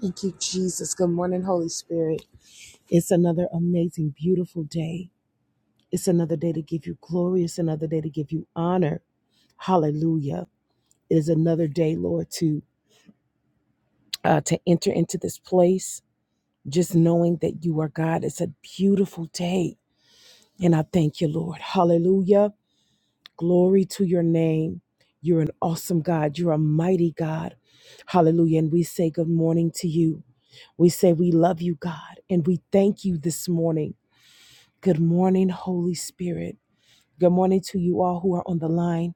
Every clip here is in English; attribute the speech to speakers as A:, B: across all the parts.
A: Thank you, Jesus. Good morning, Holy Spirit. It's another amazing, beautiful day. It's another day to give you glory. It's another day to give you honor. Hallelujah. It is another day, Lord, to uh, to enter into this place, just knowing that you are God. It's a beautiful day. And I thank you, Lord. Hallelujah. Glory to your name. You're an awesome God. You're a mighty God. Hallelujah. And we say good morning to you. We say we love you, God. And we thank you this morning. Good morning, Holy Spirit. Good morning to you all who are on the line.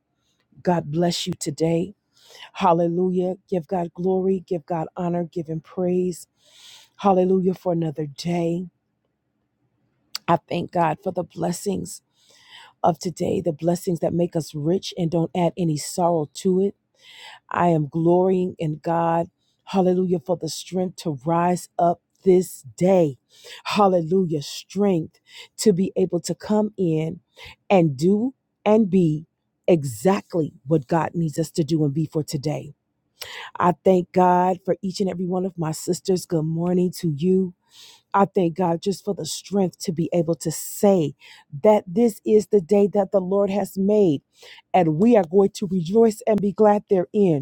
A: God bless you today. Hallelujah. Give God glory, give God honor, give Him praise. Hallelujah for another day. I thank God for the blessings of today, the blessings that make us rich and don't add any sorrow to it. I am glorying in God. Hallelujah for the strength to rise up this day. Hallelujah. Strength to be able to come in and do and be exactly what God needs us to do and be for today. I thank God for each and every one of my sisters. Good morning to you. I thank God just for the strength to be able to say that this is the day that the Lord has made, and we are going to rejoice and be glad therein.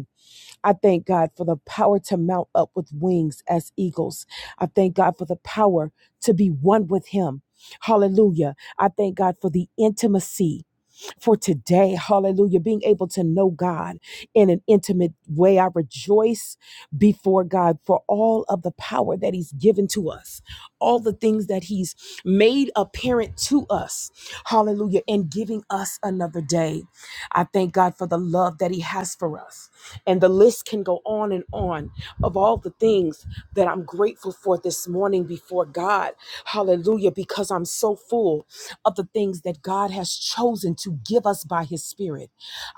A: I thank God for the power to mount up with wings as eagles. I thank God for the power to be one with Him. Hallelujah. I thank God for the intimacy for today. Hallelujah. Being able to know God in an intimate way. I rejoice before God for all of the power that He's given to us, all the things that He's made apparent to us. Hallelujah. And giving us another day. I thank God for the love that He has for us. And the list can go on and on of all the things that I'm grateful for this morning before God. Hallelujah. Because I'm so full of the things that God has chosen to give us by His Spirit.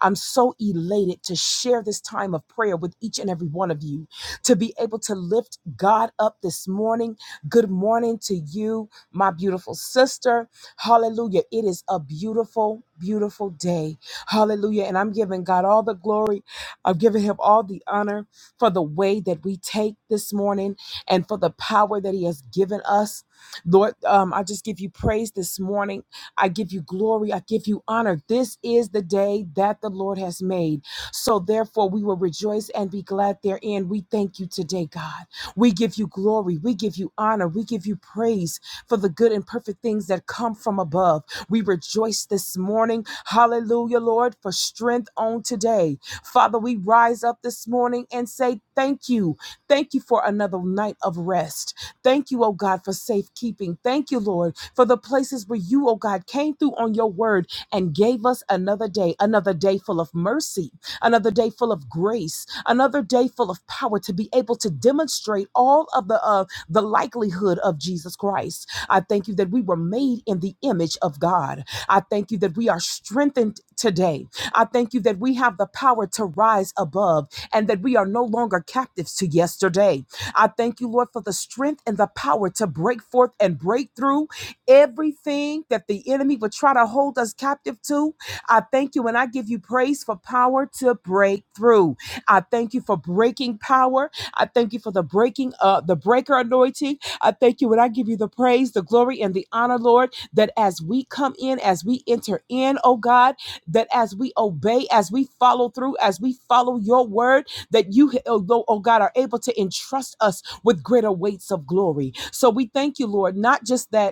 A: I'm so elated to share this time of prayer with each and every one of you to be able to lift God up this morning. Good morning to you, my beautiful sister. Hallelujah. It is a beautiful, beautiful day. Hallelujah. And I'm giving God all the glory. I'm giving him all the honor for the way that we take this morning and for the power that he has given us. Lord, um, I just give you praise this morning. I give you glory. I give you honor. This is the day that the Lord has made so therefore, we will rejoice and be glad therein. We thank you today, God. We give you glory. We give you honor. We give you praise for the good and perfect things that come from above. We rejoice this morning. Hallelujah, Lord, for strength on today. Father, we rise up this morning and say, Thank you. Thank you for another night of rest. Thank you, oh God, for safekeeping. Thank you, Lord, for the places where you, oh God, came through on your word and gave us another day, another day full of mercy another day full of grace, another day full of power to be able to demonstrate all of the uh, the likelihood of Jesus Christ. I thank you that we were made in the image of God. I thank you that we are strengthened today. I thank you that we have the power to rise above and that we are no longer captives to yesterday. I thank you, Lord, for the strength and the power to break forth and break through everything that the enemy would try to hold us captive to. I thank you and I give you praise for power to break through. I thank you for breaking power. I thank you for the breaking uh the breaker anointing. I thank you and I give you the praise, the glory, and the honor, Lord, that as we come in, as we enter in, oh God, that as we obey, as we follow through, as we follow your word, that you, oh Lord- oh God, are able to entrust us with greater weights of glory. So we thank you, Lord, not just that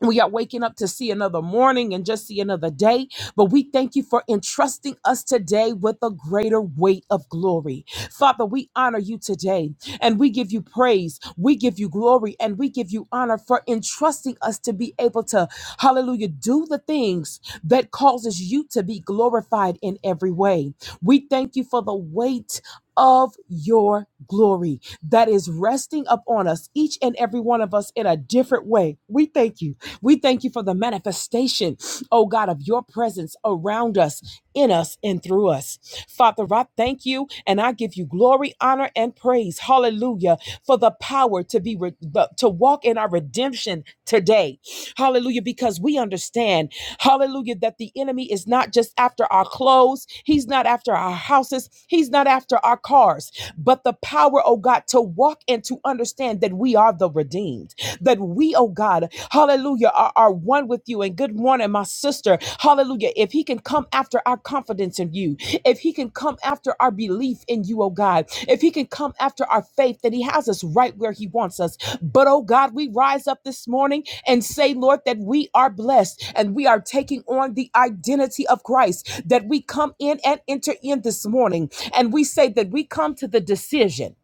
A: we are waking up to see another morning and just see another day, but we thank you for entrusting us today with a greater weight of glory. Father, we honor you today and we give you praise, we give you glory, and we give you honor for entrusting us to be able to, hallelujah, do the things that causes you to be glorified in every way. We thank you for the weight of your glory that is resting upon us, each and every one of us in a different way. We thank you. We thank you for the manifestation, oh God, of your presence around us, in us, and through us. Father, I thank you and I give you glory, honor, and praise. Hallelujah. For the power to be re- to walk in our redemption today. Hallelujah. Because we understand, hallelujah, that the enemy is not just after our clothes, he's not after our houses, he's not after our cars, but the power, oh God, to walk and to understand that we are the redeemed, that we, oh God, hallelujah, are, are one with you. And good morning, my sister. Hallelujah. If he can come after our confidence in you, if he can come after our belief in you, oh God, if he can come after our faith that he has us right where he wants us. But oh God, we rise up this morning and say, Lord, that we are blessed and we are taking on the identity of Christ, that we come in and enter in this morning. And we say that we come to the decision.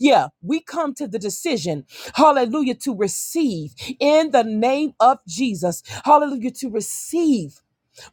A: Yeah, we come to the decision, hallelujah, to receive in the name of Jesus, hallelujah, to receive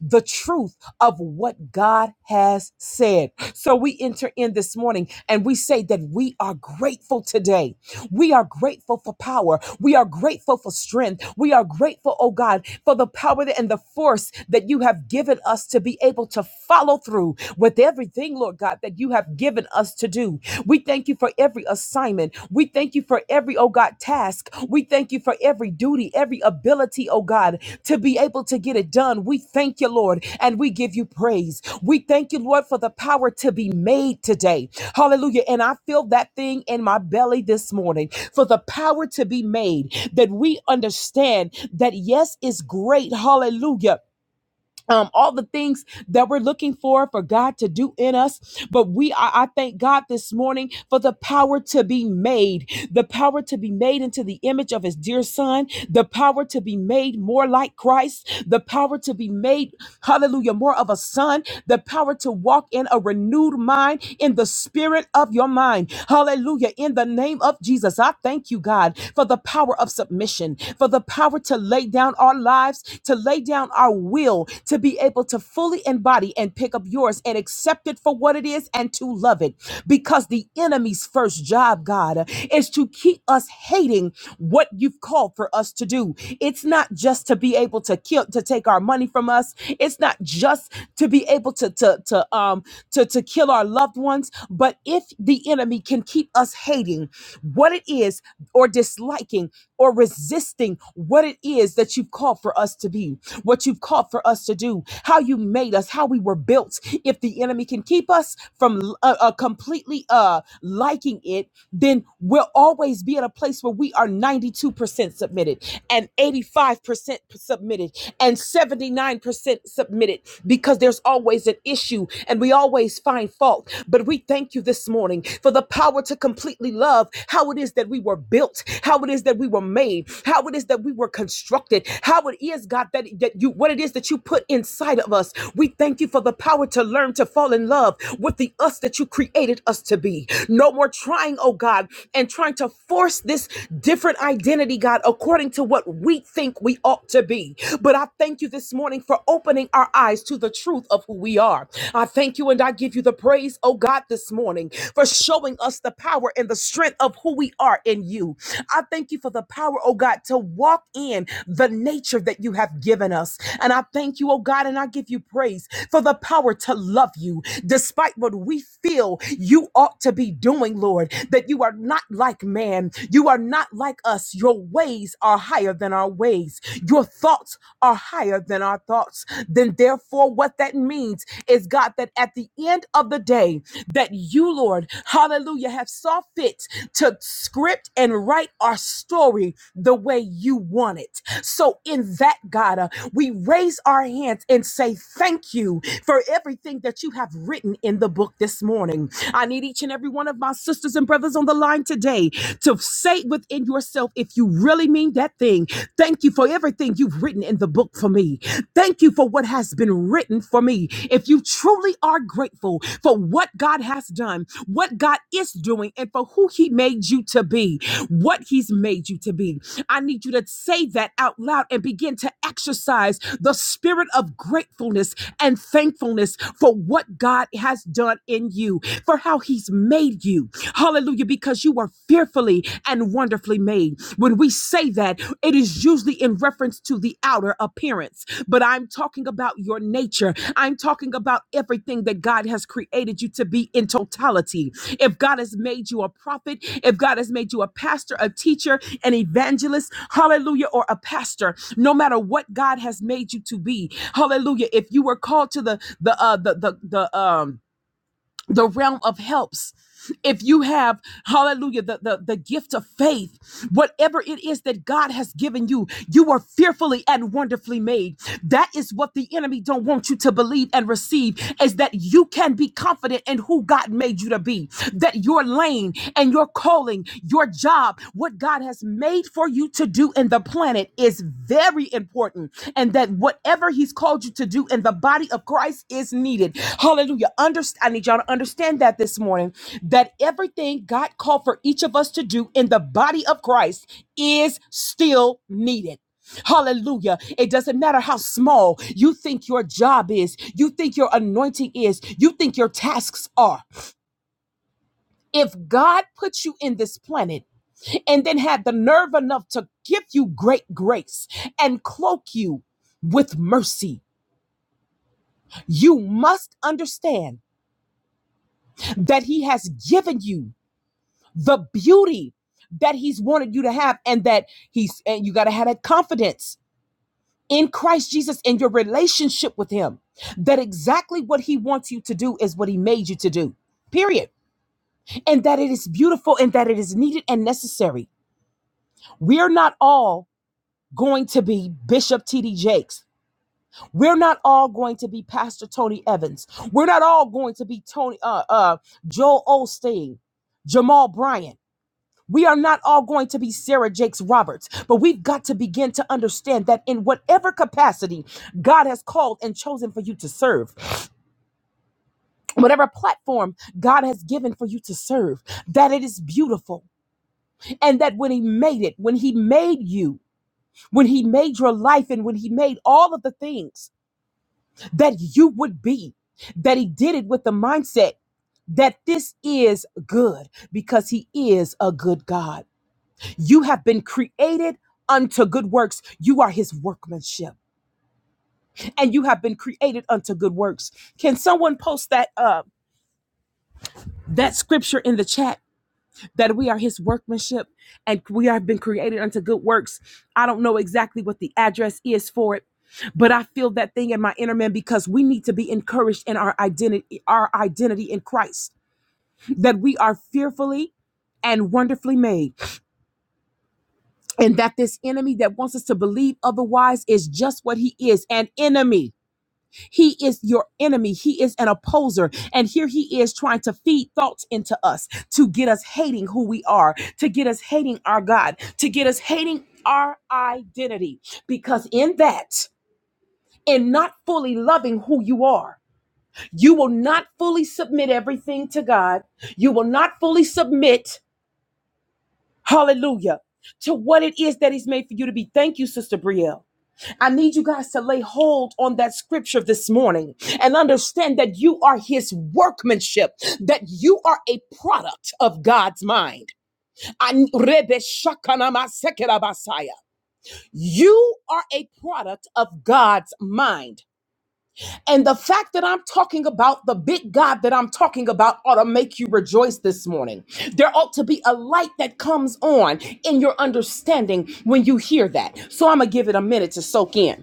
A: the truth of what God has said. So we enter in this morning and we say that we are grateful today. We are grateful for power. We are grateful for strength. We are grateful, oh God, for the power and the force that you have given us to be able to follow through with everything, Lord God, that you have given us to do. We thank you for every assignment. We thank you for every, oh God, task. We thank you for every duty duty, every ability, oh God, to be able to get it done. We thank you, Lord, and we give you praise. We thank you, Lord, for the power to be made today. Hallelujah. And I feel that thing in my belly this morning for the power to be made that we understand that yes is great. Hallelujah um, all the things that we're looking for for God to do in us. But we, I, I thank God this morning for the power to be made, the power to be made into the image of His dear Son, the power to be made more like Christ, the power to be made, hallelujah, more of a son, the power to walk in a renewed mind, in the spirit of your mind, hallelujah. In the name of Jesus, I thank you, God, for the power of submission, for the power power to lay down our lives, to lay down our will, to be able to fully embody and pick up yours and accept it for what it is and to love it. Because the enemy's first job, God, is to keep us hating what you've called for us to do. It's not just to be able to kill, to take our money from us. It's not just to be able to, to, to, um, to, to kill our loved ones. But if the enemy can keep us hating, what it is is or disliking or resisting what it is that you've called for us to be, what you've called for us to do, how you made us, how we were built. If the enemy can keep us from uh, uh, completely uh, liking it, then we'll always be in a place where we are 92% submitted and 85% submitted and 79% submitted because there's always an issue and we always find fault. But we thank you you this morning for the power to completely love how it is that we were built, how it is that we were made, how it is that we were constructed, how it is, God, that, that you, what it is that you put inside of us. We thank you for the power to learn to fall in love with the us that you created us to be. No more trying, oh God, and trying to force this different identity, God, according to what we think we ought to be. But I thank you this morning for opening our eyes to the truth of who we who we are. I thank you and I give you the praise, oh God, this morning for showing us the power and the strength of who we are in you. I thank you for the power, oh God, to walk in the nature that you have given us. And I thank you, oh God, and I give you praise for the power to love you despite what we feel you ought to be doing, Lord, that you are not like man. You are not like us. Your ways are higher than our ways. Your thoughts are higher than our thoughts. Then therefore what that means is God that at the end of the day that you Lord, hallelujah, have saw fit to script and write our story the way you want it. So in that God, uh, we raise our hands and say thank you for everything that you have written in the book this morning. I need each and every one of my sisters and brothers on the line today to say within yourself if you you really mean that thing. Thank you for everything you've written in the book for me. Thank you for what has been written for me. If you truly are grateful for what God has done, what God is doing, and for who He made you to be, what He's made you to be, I need you to say that out loud and begin to exercise the spirit of gratefulness and thankfulness for what God has done in you, for how He's made you. Hallelujah Hallelujah. Because you were fearfully and wonderfully made. When we say that, it is usually in reference to the outer appearance, but I'm talking about your nature. I'm talking about everything that God has created you to be in totality. If God has made you a prophet, if God has made you a pastor, a teacher, an evangelist, hallelujah, or a pastor, no matter what God has made you to be, hallelujah. If you were called to the the uh the the the um the realm of helps if you have hallelujah the, the the gift of faith whatever it is that god has given you you are fearfully and wonderfully made that is what the enemy don't want you to believe and receive is that you can be confident in who god made you to be that your lane and your calling your job, what God has made for you to do in the planet, is very important. And that whatever He's called you to do in the body of Christ is needed. Hallelujah. Underst- I need y'all to understand that this morning that everything God called for each of us to do in the body of Christ is still needed. Hallelujah. It doesn't matter how small you think your job is, you think your anointing is, you think your tasks are. If God puts you in this planet, and then had the nerve enough to give you great grace and cloak you with mercy. You must understand that He has given you the beauty that He's wanted you to have, and that He's, and you got to have that confidence in Christ Jesus and your relationship with Him that exactly what He wants you to do is what He made you to do. Period. And that it is beautiful and that it is needed and necessary. We are not all going to be Bishop T.D. Jakes. We're not all going to be Pastor Tony Evans. We're not all going to be Tony uh uh Joel Osteen, Jamal Bryant. We are not all going to be Sarah Jakes Roberts, but we've got to begin to understand that in whatever capacity God has called and chosen for you to serve, whatever platform God has given for you to serve, that it is beautiful. And that when He made it, when He made you, when He made your life, and when He made all of the things that you would be, that he did it with the mindset that this is good because he is a good God. You have been created unto good works. You are his workmanship and you have been created unto good works. Can someone post that uh that scripture in the chat? that we are his workmanship and we have been created unto good works. I don't know exactly what the address is for it, but I feel that thing in my inner man because we need to be encouraged in our identity, our identity in Christ, that we are fearfully and wonderfully made, and that this enemy that wants us to believe otherwise is just what he is an enemy he is your enemy. He is an opposer. And here he is trying to feed thoughts into us to get us hating who we are, to get us hating our God, to get us hating our identity. Because in that, in not fully loving who you are, you will not fully submit everything to God. You will not fully submit, hallelujah, to what it is that He's made for you to be. Thank you, Sister Brielle I need you guys to lay hold on that scripture this morning and understand that you are his workmanship, that you are a product of God's mind. An- Rebe shakanama sekerabasaya. You are a product of God's mind. And the fact that I'm talking about the big God that I'm talking about ought to make you rejoice this morning. There ought to be a light that comes on in your understanding when you hear that. So I'm going to give it a minute to soak in.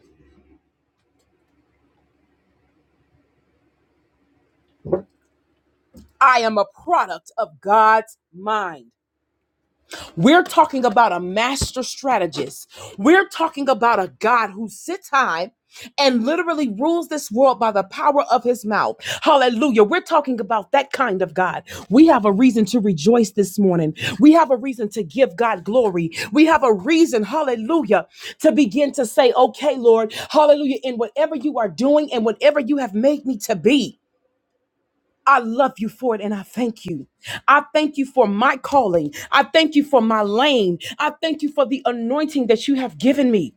A: I am a product of God's mind. We're talking about a master strategist. We're talking about a God who sits high and literally rules this world by the power of his mouth. Hallelujah. We're talking about that kind of God. We have a reason to rejoice this morning. We have a reason to give God glory. We have a reason, hallelujah, to begin to say, okay, Lord, hallelujah, in whatever you are doing and whatever you have made me to be. I love you for it and I thank you. I thank you for my calling. I thank you for my lane. I thank you for the anointing that you have given me.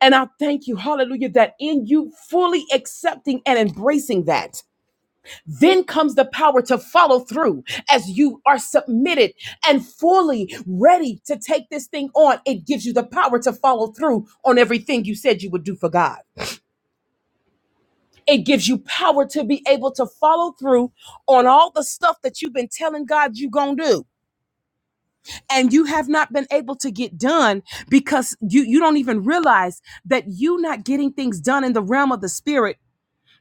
A: And I thank you, hallelujah, that in you fully accepting and embracing that, then comes the power to follow through as you are submitted and fully ready to take this thing on. It gives you the power to follow through on everything you said you would do for God. It gives you power to be able to follow through on all the stuff that you've been telling God you're going to do. And you have not been able to get done because you, you don't even realize that you not getting things done in the realm of the spirit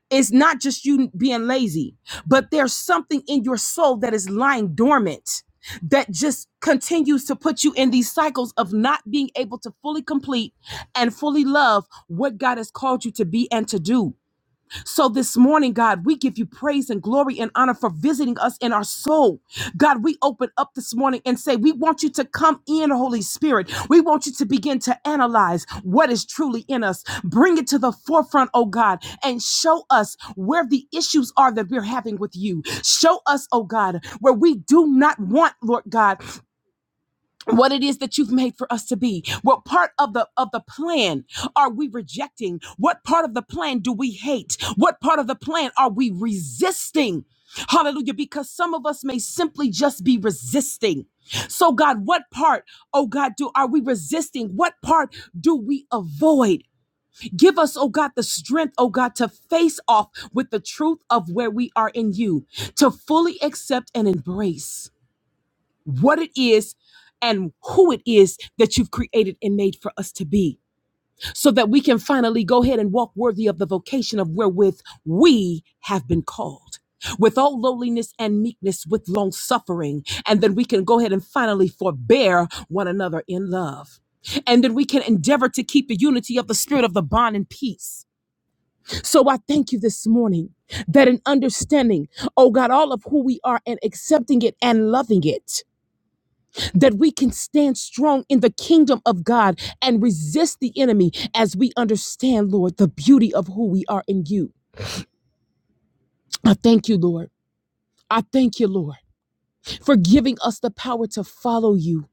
A: is not just you being lazy, but there's something in your soul that is lying dormant that just continues to put you in these cycles of not being able to fully complete and fully love what God has called you to be and to do. So this morning, God, we give you praise and glory and honor for visiting us in our soul. God, we open up this morning and say, We want you to come in, Holy Spirit. We want you to begin to analyze what is truly in us. Bring it to the forefront, oh God, and show us where the issues are that we're having with you. Show us, oh God, where we do not want, Lord God what it is that you've made for us to be what part of the of the plan are we rejecting what part of the plan do we hate what part of the plan are we resisting hallelujah because some of us may simply just be resisting so god what part oh god do are we resisting what part do we avoid give us oh god the strength oh god to face off with the truth of where we are in you to fully accept and embrace what it is and who it is that you've created and made for us to be, so that we can finally go ahead and walk worthy of the vocation of wherewith we have been called. With all lowliness and meekness, with long suffering, and then we can go ahead and finally forbear one another in love. And then we can endeavor to keep the unity of the spirit of the bond in peace. So I thank you this morning that in understanding, oh God, all of who we are and accepting it and loving it, that we can stand strong in the kingdom of God and resist the enemy as we understand, Lord, the beauty of who we are in you. I thank you, Lord. I thank you, Lord, for giving us the power to follow you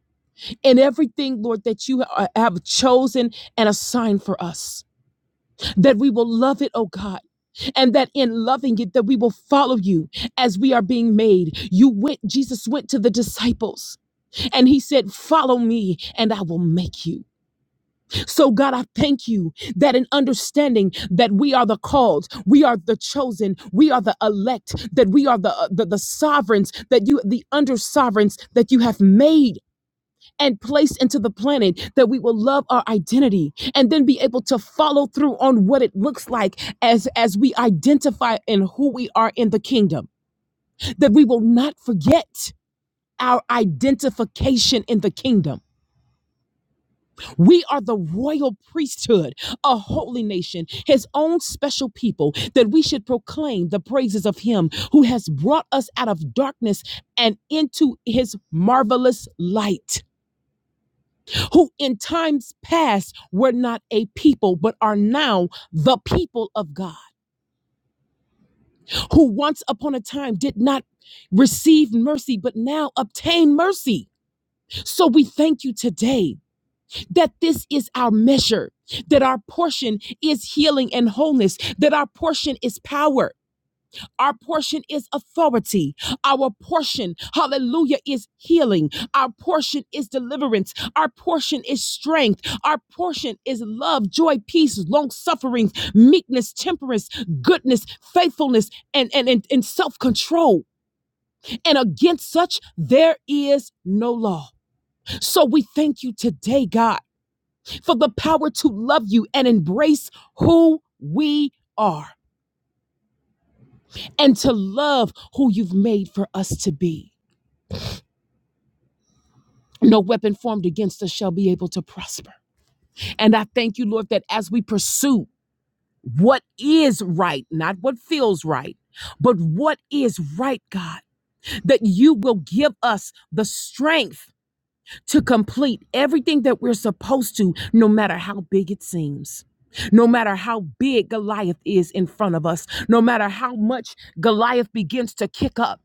A: in everything, Lord, that you ha- have chosen and assigned for us. That we will love it, oh God. And that in loving it, that we will follow you as we are being made. You went, Jesus went to the disciples and he said, Follow me and I will make you. So, God, I thank you that in understanding that we are the called, we are the chosen, we are the elect, that we are the uh, the, the sovereigns, that you the under sovereigns that you have made and placed into the planet, that we will love our identity and then be able to follow through on what it looks like as as we identify in who we are in the kingdom, that we will not forget our identification in the kingdom We are the royal priesthood, a holy nation, his own special people, that we should proclaim the praises of him who has brought us out of darkness and into his marvelous light, who in times past were not a people, but are now the people of God, who once upon a time did not receive mercy, but now obtain mercy. So we thank you today that this is our measure, that our portion is healing and wholeness, that our portion is power, our portion is authority, our portion, hallelujah, is healing, our portion is deliverance, our portion is strength, our portion is love, joy, peace, long suffering, meekness, temperance, goodness, faithfulness, and, and, and, and self control. And against such, there is no law. So we thank you today, God for the power to love you and embrace who we are and to love who you've made for us to be. No weapon formed against us shall be able to prosper. And I thank you, Lord, that as we pursue what is right, not what feels right, but what is right, God, that you will give us the strength to complete everything that we're supposed to, no matter how big it seems. No matter how big Goliath is in front of us, no matter how much Goliath begins to kick up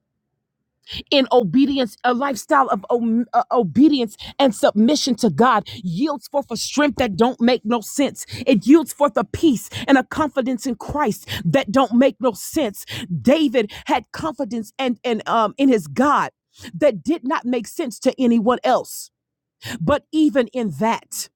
A: in obedience, a lifestyle of om- uh, obedience and submission to God yields forth a strength that don't make no sense. It yields forth a peace and a confidence in Christ that don't make no sense. David had confidence and and um in his God that did not make sense to anyone else. But even in that,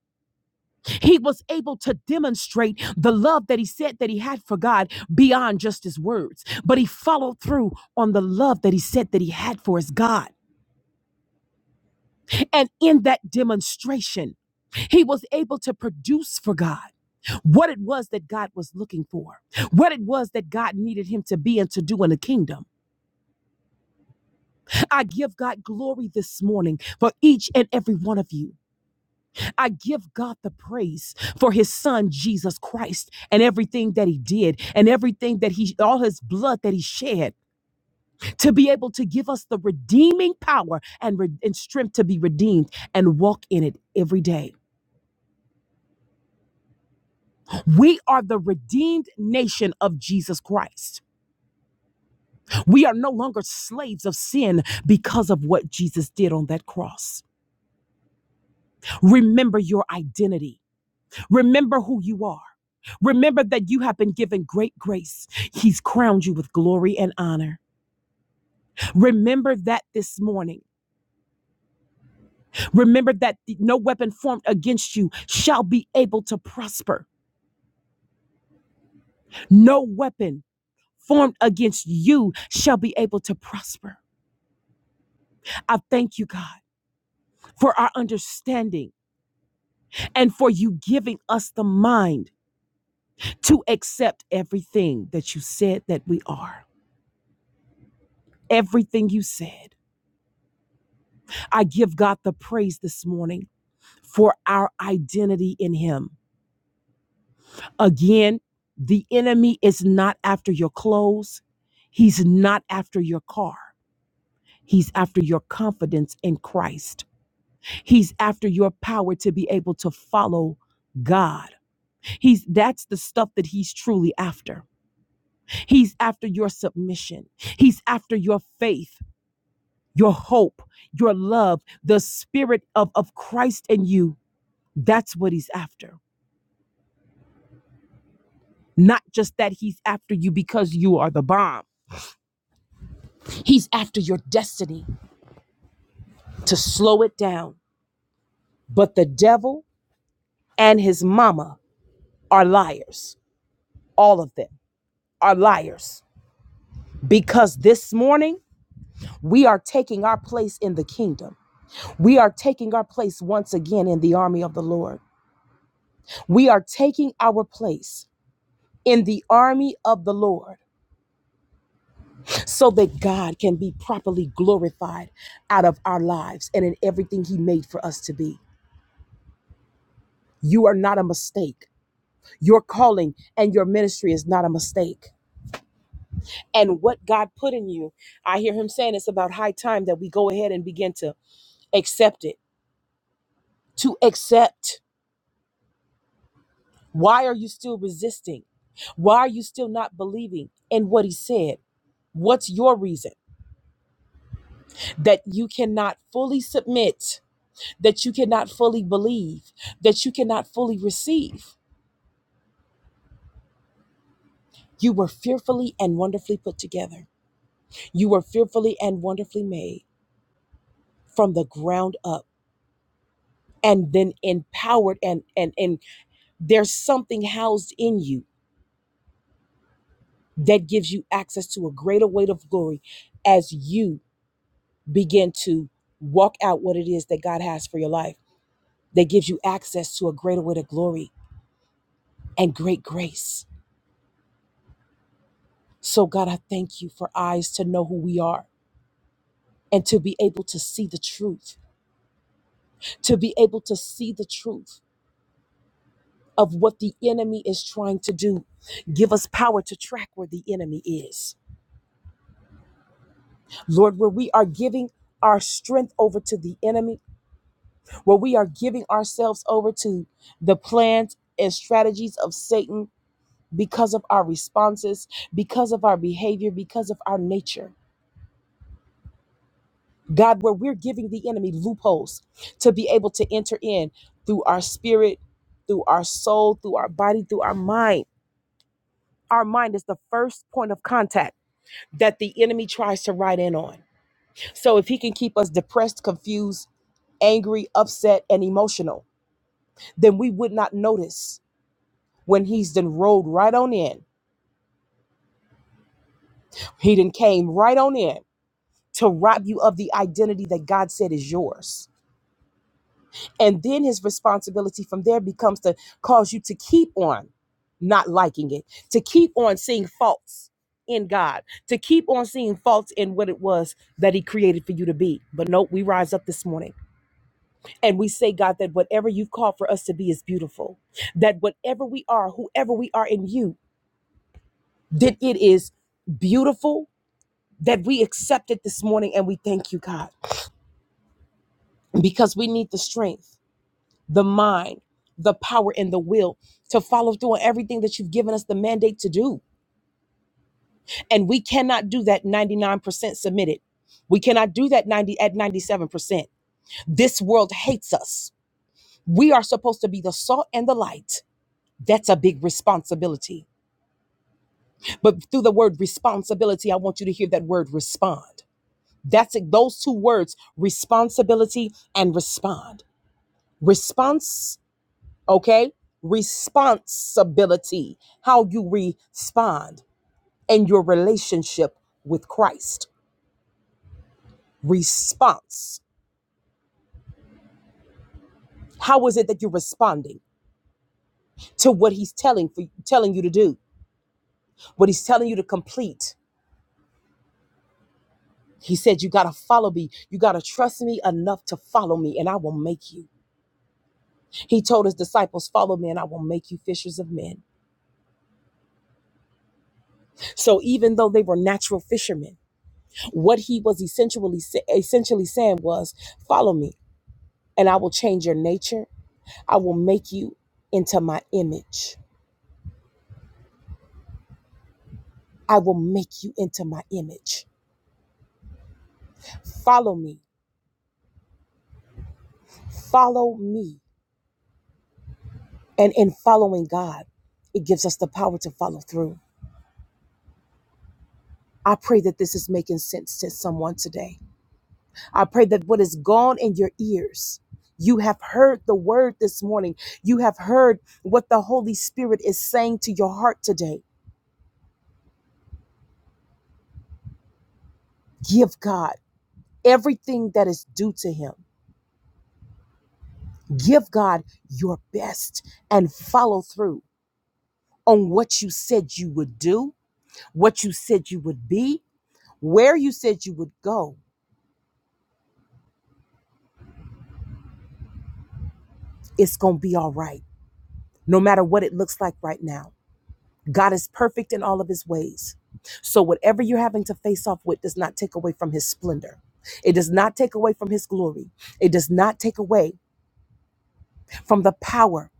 A: he was able to demonstrate the love that he said that he had for God beyond just his words. But he followed through on the love that he said that he had for his God. And in that demonstration, he was able to produce for God what it was that God was looking for, what it was that God needed him to be and to do in the kingdom. I give God glory this morning for each and every one of you. I give God the praise for his son Jesus Christ and everything that he did and everything that he all his blood that he shed to be able to give us the redeeming power and, re- and strength to be redeemed and walk in it every day. We are the redeemed nation of Jesus Christ. We are no longer slaves of sin because of what Jesus did on that cross. Remember your identity. Remember who you are. Remember that you have been given great grace. He's crowned you with glory and honor. Remember that this morning. Remember that no weapon formed against you shall be able to prosper. No weapon formed against you shall be able to prosper. I thank you, God, for our understanding and for you giving us the mind to accept everything that you said that we are. Everything you said. I give God the praise this morning for our identity in Him. Again, the enemy is not after your clothes, he's not after your car. He's after your confidence in Christ. He's after your power to be able to follow God. He's that's the stuff that he's truly after. He's after your submission. He's after your faith, your hope, your love, the spirit of, of Christ in you. That's what he's after. Not just that he's after you because you are the bomb, he's after your destiny to slow it down. But the devil and his mama are liars. All of them are liars. Because this morning, we are taking our place in the kingdom. We are taking our place once again in the army of the Lord. We are taking our place in the army of the Lord so that God can be properly glorified out of our lives and in everything He made for us to be. You are not a mistake. Your calling and your ministry is not a mistake. And what God put in you, I hear him saying it's about high time that we go ahead and begin to accept it, to accept. Why are you still resisting? Why are you still not believing in what he said? What's your reason that you cannot fully submit, that you cannot fully believe, that you cannot fully receive? You were fearfully and wonderfully put together. You were fearfully and wonderfully made. from the ground up and then empowered and and and there's something housed in you that gives you access to a greater weight of glory as you begin to walk out what it is that God has for your life that gives you access to a greater weight of glory and great grace so God I thank you for eyes to know who we are and to be able to see the truth to be able to see the truth of what the enemy is trying to do give us power to track where the enemy is Lord, where we are giving our strength over to the enemy, where we are giving ourselves over to the plans and strategies of Satan because of our responses, because of our behavior, because of our nature. God, where we're giving the enemy loopholes to be able to enter in through our spirit, through our soul, through our body, through our mind. Our mind is the first point of contact that the enemy tries to ride in on. So if he can keep us depressed, confused, angry, upset, and emotional, then we would not notice when he's then rode right on in. He then came right on in to rob you of the identity that God said is yours. And then his responsibility from there becomes to cause you to keep on not liking it, to keep on seeing faults in God, to keep on seeing faults in what it was that he created for you to be. But nope, we rise up this morning And we say, God, that whatever you've called for us to be is beautiful. That whatever we are, whoever we are in you, that it is beautiful, that we accept it this morning. And we thank you, God, because we need the strength, the mind, the power, and the will to follow through on everything that you've given us the mandate to do. And we cannot do that 99% submitted. We cannot do that 90 at 97%. This world hates us. We are supposed to be the salt and the light. That's a big responsibility But through the word responsibility, I want you to hear that word respond. That's it. Those two words, responsibility and respond. Response, okay? Responsibility, how you respond and your relationship with Christ. Response. How is it that you're responding to what he's telling for telling you to do? What he's telling you to complete. He said you got to follow me. You got to trust me enough to follow me and I will make you. He told his disciples, Follow me, and I will make you fishers of men. So even though they were natural fishermen, what he was essentially essentially saying was, Follow me, and I will change your nature. I will make you into my image. I will make you into my image. Follow me. Follow me. And in following God, it gives us the power to follow through. I pray that this is making sense to someone today. I pray that what is gone in your ears, you have heard the word this morning. You have heard what the Holy Spirit is saying to your heart today. Give God everything that is due to Him. Give God your best and follow through on what you said you would do, what you said you would be, where you said you would go. It's going to be all right, no matter what it looks like right now. God is perfect in all of his ways. So, whatever you're having to face off with does not take away from his splendor. It does not take away from his glory. It does not take away from the power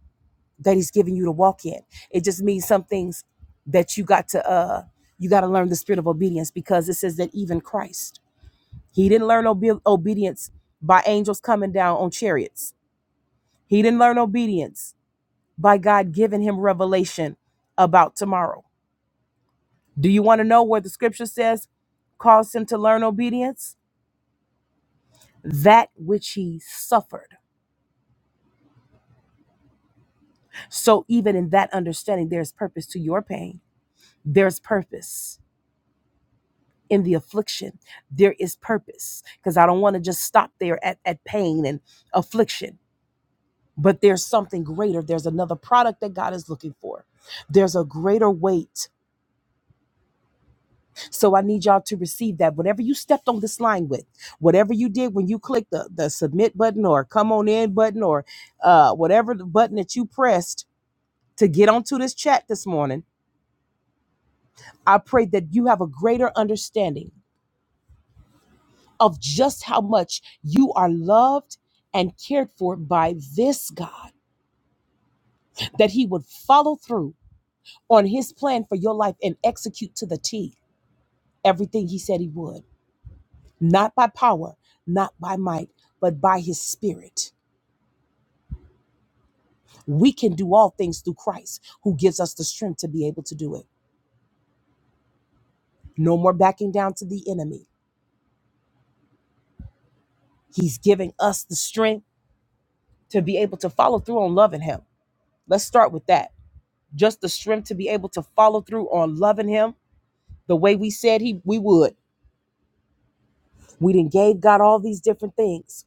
A: that he's giving you to walk in. It just means some things that you got to, uh, you got to learn the spirit of obedience because it says that even Christ, he didn't learn obe- obedience by angels coming down on chariots. He didn't learn obedience by God giving him revelation about tomorrow. Do you want to know where the scripture says caused him to learn obedience? That which he suffered. So, even in that understanding, there is purpose to your pain. There's purpose in the affliction. There is purpose because I don't want to just stop there at, at pain and affliction, but there's something greater. There's another product that God is looking for. There's a greater weight So I need y'all to receive that. Whatever you stepped on this line with, whatever you did when you clicked the, the submit button or come on in button or uh, whatever the button that you pressed to get onto this chat this morning, I pray that you have a greater understanding of just how much you are loved and cared for by this God, that He would follow through on His plan for your life and execute to the T everything He said He would, not by power, not by might, but by His Spirit. We can do all things through Christ who gives us the strength to be able to do it. No more backing down to the enemy. He's giving us the strength to be able to follow through on loving him. Let's start with that. Just the strength to be able to follow through on loving him the way we said he we would. We didn't gave God all these different things.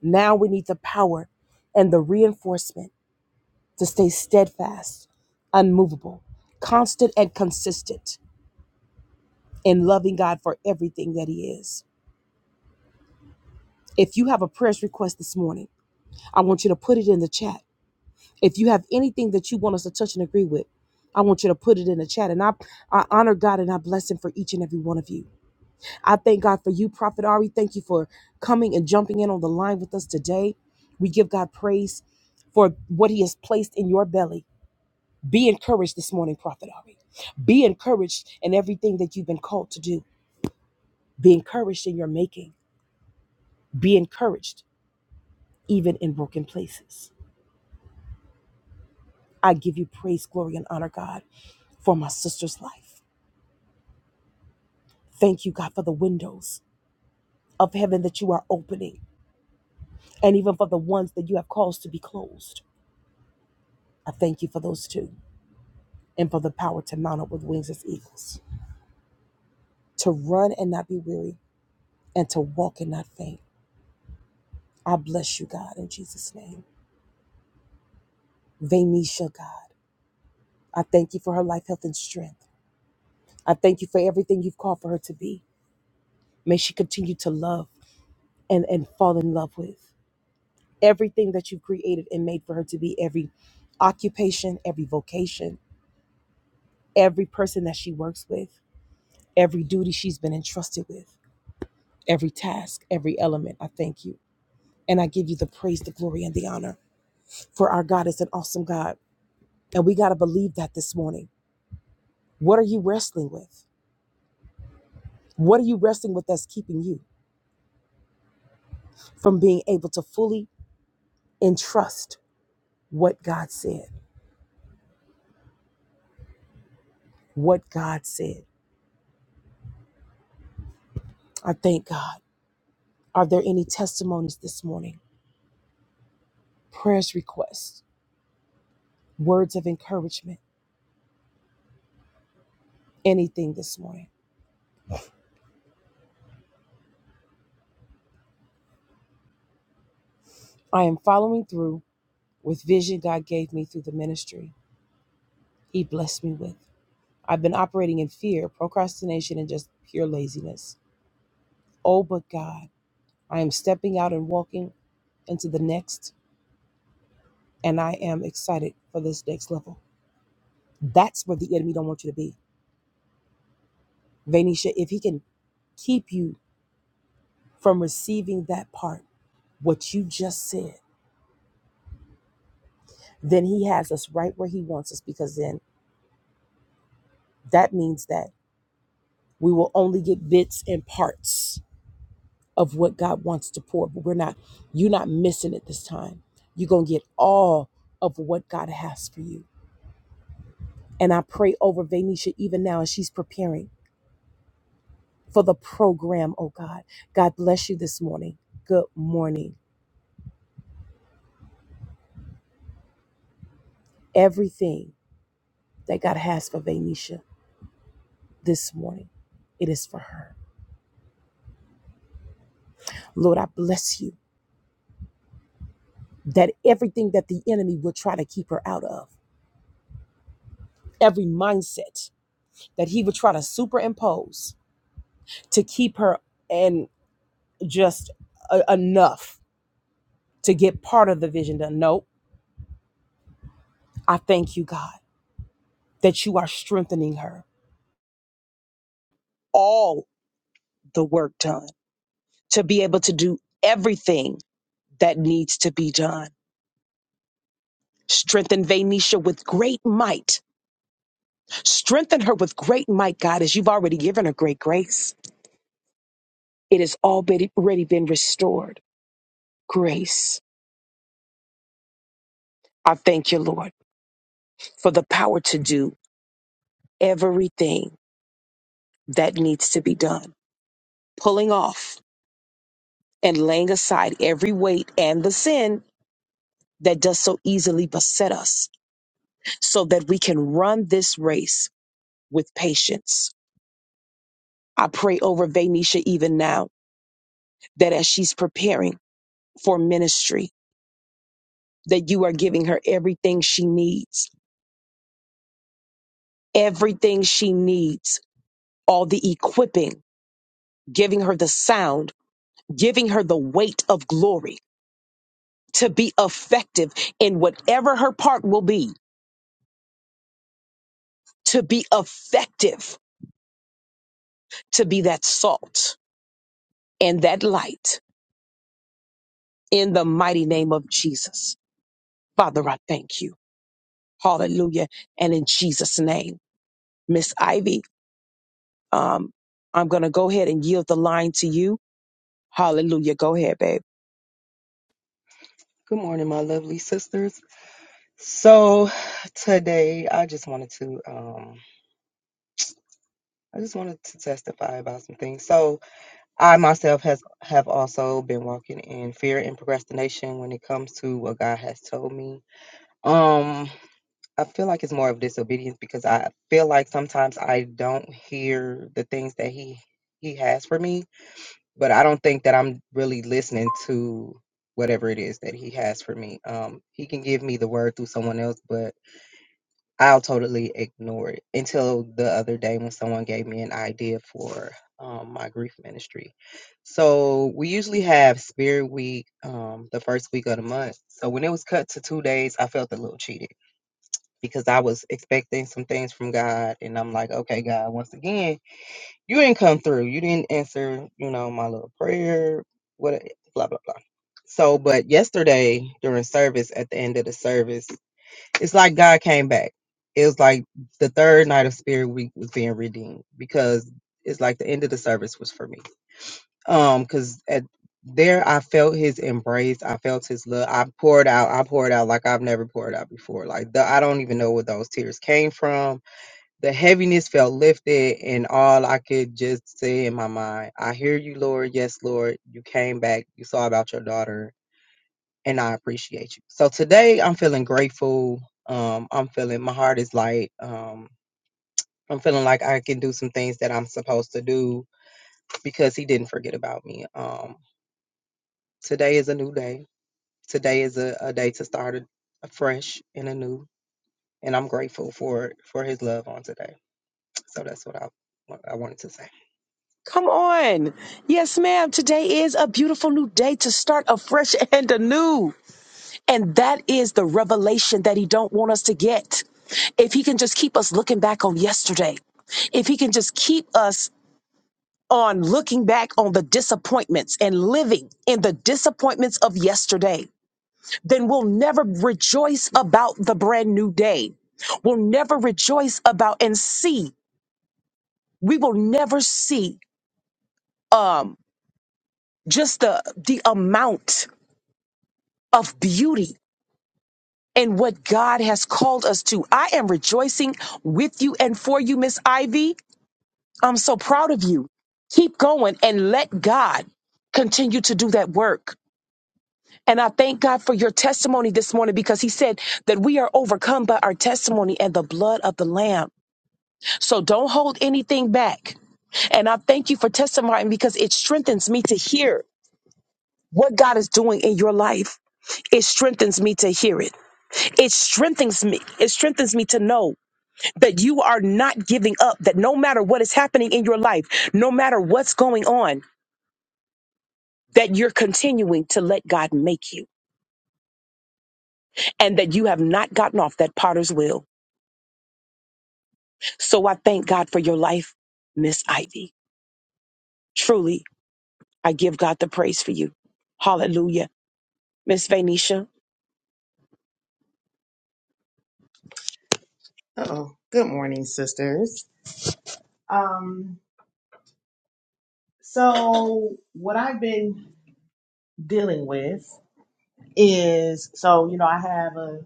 A: Now we need the power and the reinforcement to stay steadfast, unmovable, constant and consistent in loving God for everything that he is. If you have a prayer request this morning, I want you to put it in the chat. If you have anything that you want us to touch and agree with, I want you to put it in the chat. And I, I honor God and I bless Him for each and every one of you. I thank God for you, Prophet Ari. Thank you for coming and jumping in on the line with us today. We give God praise for what He has placed in your belly. Be encouraged this morning, Prophet Ari. Be encouraged in everything that you've been called to do. Be encouraged in your making. Be encouraged even in broken places. I give you praise, glory, and honor, God, for my sister's life. Thank you, God, for the windows of heaven that you are opening, and even for the ones that you have caused to be closed. I thank you for those two, and for the power to mount up with wings as eagles, to run and not be weary, and to walk and not faint. I bless you, God, in Jesus' name. Vanisha, God, I thank you for her life, health, and strength. I thank you for everything you've called for her to be. May she continue to love and, and fall in love with. everything that you've created and made for her to be every occupation, every vocation, every person that she works with, every duty she's been entrusted with, every task, every element. I thank you. And I give you the praise, the glory, and the honor. For our God is an awesome God. And we got to believe that this morning. What are you wrestling with? What are you wrestling with that's keeping you from being able to fully entrust what God said? What God said. I thank God. Are there any testimonies this morning? prayers requests, words of encouragement, anything this morning. I am following through with vision God gave me through the ministry He blessed me with. I've been operating in fear, procrastination, and just pure laziness. Oh, but God, I am stepping out and walking into the next, and I am excited for this next level. That's where the enemy don't want you to be. Vanisha, if he can keep you from receiving that part, what you just said, then he has us right where he wants us because then that means that we will only get bits and parts of what God wants to pour, but we're not, you're not missing it this time. You're going to get all of what God has for you. And I pray over Vanisha even now as she's preparing for the program, oh God. God bless you this morning. Good morning. Everything that God has for Vanisha this morning, it is for her. Lord, I bless you that everything that the enemy will try to keep her out of, every mindset that he would try to superimpose to keep her and just a- enough to get part of the vision done. Nope. I thank you, God, that you are strengthening her. all the work done to be able to do everything that needs to be done. Strengthen Vanisha with great might. Strengthen her with great might, God, as you've already given her great grace. It has already already been restored. Grace. I thank you, Lord, for the power to do everything that needs to be done. Pulling off and laying aside every weight and the sin that does so easily beset us so that we can run this race with patience. I pray over Vanisha even now that as she's preparing for ministry, that you are giving her everything she needs, everything she needs, all the equipping, giving her the sound, giving her the weight of glory to be effective in whatever her part will be to be effective, to be that salt and that light in the mighty name of Jesus. Father, I thank you. Hallelujah. And in Jesus' name, Miss Ivy, um, I'm going to go ahead and yield the line to you. Hallelujah. Go ahead, babe.
B: Good morning, my lovely sisters. So today I just wanted to um I just wanted to testify about some things. So I myself has have also been walking in fear and procrastination when it comes to what God has told me. Um I feel like it's more of disobedience because I feel like sometimes I don't hear the things that he he has for me, but I don't think that I'm really listening to whatever it is that he has for me. Um he can give me the word through someone else, but I'll totally ignore it until the other day when someone gave me an idea for um, my grief ministry. So we usually have Spirit Week um, the first week of the month. So when it was cut to two days, I felt a little cheated because I was expecting some things from God, and I'm like, okay, God, once again, you didn't come through. You didn't answer, you know, my little prayer. What? Blah blah blah. So, but yesterday during service, at the end of the service, it's like God came back. It was like the third night of Spirit Week was being redeemed because it's like the end of the service was for me. Um, because at there I felt His embrace. I felt His love. I poured out. I poured out like I've never poured out before. Like the, I don't even know where those tears came from. The heaviness felt lifted, and all I could just say in my mind, "I hear you, Lord. Yes, Lord. You came back. You saw about your daughter." and I appreciate you. So today I'm feeling grateful. Um, I'm feeling my heart is light. Um, I'm feeling like I can do some things that I'm supposed to do because he didn't forget about me. Um, today is a new day. Today is a, a day to start a, fresh and anew, and I'm grateful for for his love on today. So that's what I what I wanted to say.
A: Come on. Yes, ma'am. Today is a beautiful new day to start afresh and anew. And that is the revelation that he don't want us to get. If he can just keep us looking back on yesterday, if he can just keep us on looking back on the disappointments and living in the disappointments of yesterday, then we'll never rejoice about the brand new day. We'll never rejoice about and see. We will never see um just the the amount of beauty and what God has called us to. I am rejoicing with you and for you, Miss Ivy. I'm so proud of you. Keep going and let God continue to do that work. And I thank God for your testimony this morning because He said that we are overcome by our testimony and the blood of the Lamb. So don't hold anything back. And I thank you for testifying because it strengthens me to hear what God is doing in your life. It strengthens me to hear it. it strengthens me. It strengthens me to know that you are not giving up, that no matter what is happening in your life, no matter what's going on, that you're continuing to let God make you and that you have not gotten off that potter's wheel. So I thank God for your life, Miss Ivy. Truly, I give God the praise for you. Hallelujah. Miss Venetia.
C: Oh, good morning, sisters. Um, so what I've been dealing with is so you know I have a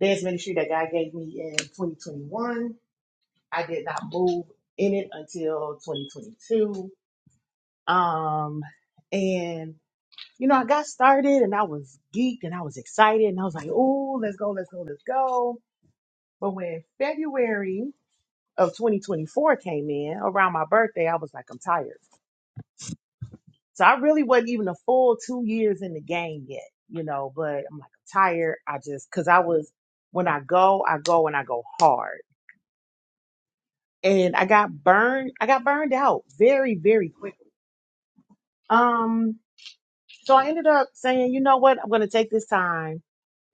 C: dance ministry that God gave me in 2021. I did not move in it until 2022. Um, and you know I got started and I was geeked and I was excited and I was like, oh, let's go, let's go, let's go. But when February of 2024 came in around my birthday, I was like, I'm tired. So I really wasn't even a full two years in the game yet, you know, but I'm like, I'm tired. I just, cause I was, when I go, I go and I go hard. And I got burned, I got burned out very, very quickly. Um, so I ended up saying, you know what? I'm going to take this time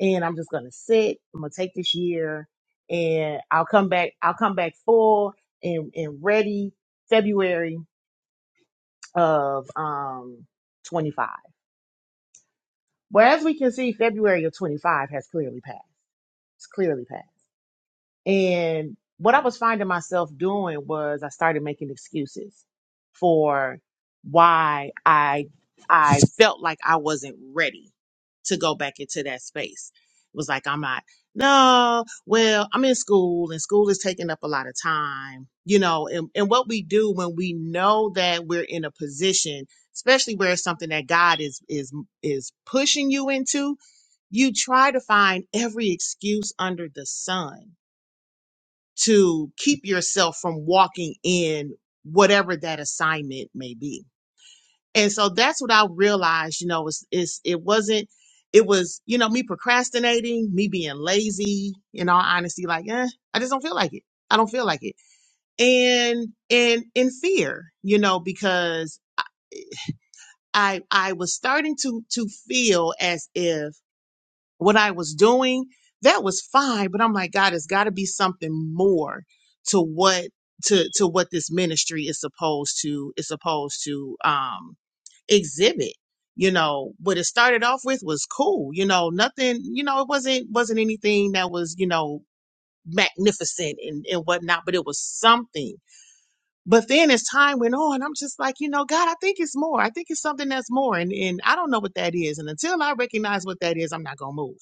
C: and I'm just going to sit. I'm going to take this year and I'll come back. I'll come back full and, and ready February of, um, 25. Well, as we can see, February of 25 has clearly passed. It's clearly passed. And what I was finding myself doing was I started making excuses for why I I felt like I wasn't ready to go back into that space. It was like I'm not no, well, I'm in school and school is taking up a lot of time, you know, and, and what we do when we know that we're in a position, especially where it's something that God is is is pushing you into, you try to find every excuse under the sun to keep yourself from walking in whatever that assignment may be. And so that's what I realized, you know, is is it wasn't it was, you know, me procrastinating, me being lazy, in all honesty, like, eh, I just don't feel like it. I don't feel like it. And and in fear, you know, because I I was starting to to feel as if what I was doing, that was fine. But I'm like, God, it's got to be something more to what to to what this ministry is supposed to is supposed to um exhibit. You know, what it started off with was cool. You know, nothing. You know, it wasn't wasn't anything that was you know magnificent and and whatnot, but it was something. But then as time went on, I'm just like, you know, God, I think it's more. I think it's something that's more, and and I don't know what that is. And until I recognize what that is, I'm not gonna move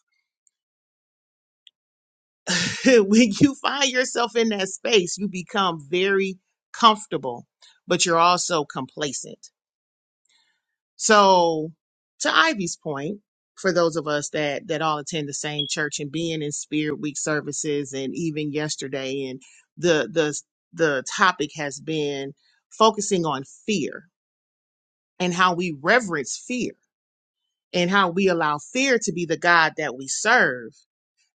C: when you find yourself in that space, you become very comfortable, but you're also complacent. So, to Ivy's point, for those of us that that all attend the same church and being in Spirit Week services, and even yesterday, and the the the topic has been focusing on fear and how we reverence fear and how we allow fear to be the God that we serve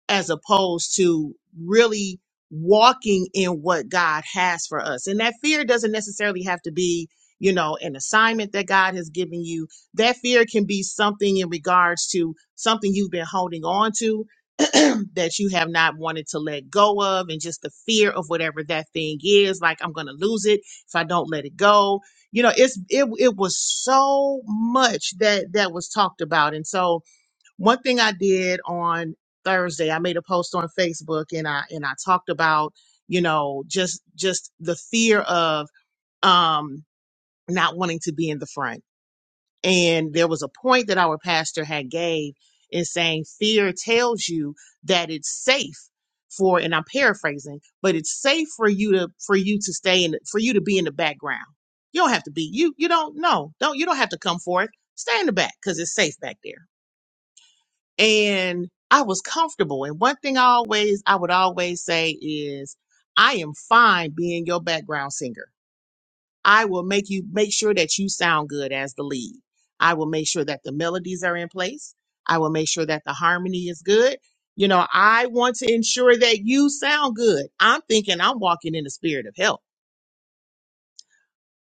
C: as opposed to really walking in what God has for us. And that fear doesn't necessarily have to be, you know, an assignment that God has given you. That fear can be something in regards to something you've been holding on to that you have not wanted to let go of and just the fear of whatever that thing is like I'm going to lose it if I don't let it go. You know, it's it it was so much that that was talked about. And so one thing I did on Thursday, I made a post on Facebook and I and I talked about, you know, just just the fear of um not wanting to be in the front. And there was a point that our pastor had gave in saying fear tells you that it's safe for and I'm paraphrasing, but it's safe for you to for you to stay in for you to be in the background. You don't have to be you you don't know. Don't you don't have to come forth. Stay in the back because it's safe back there and I was comfortable. And one thing I always, I would always say is, I am fine being your background singer. I will make you make sure that you sound good as the lead. I will make sure that the melodies are in place. I will make sure that the harmony is good. You know, I want to ensure that you sound good. I'm thinking I'm walking in the spirit of help.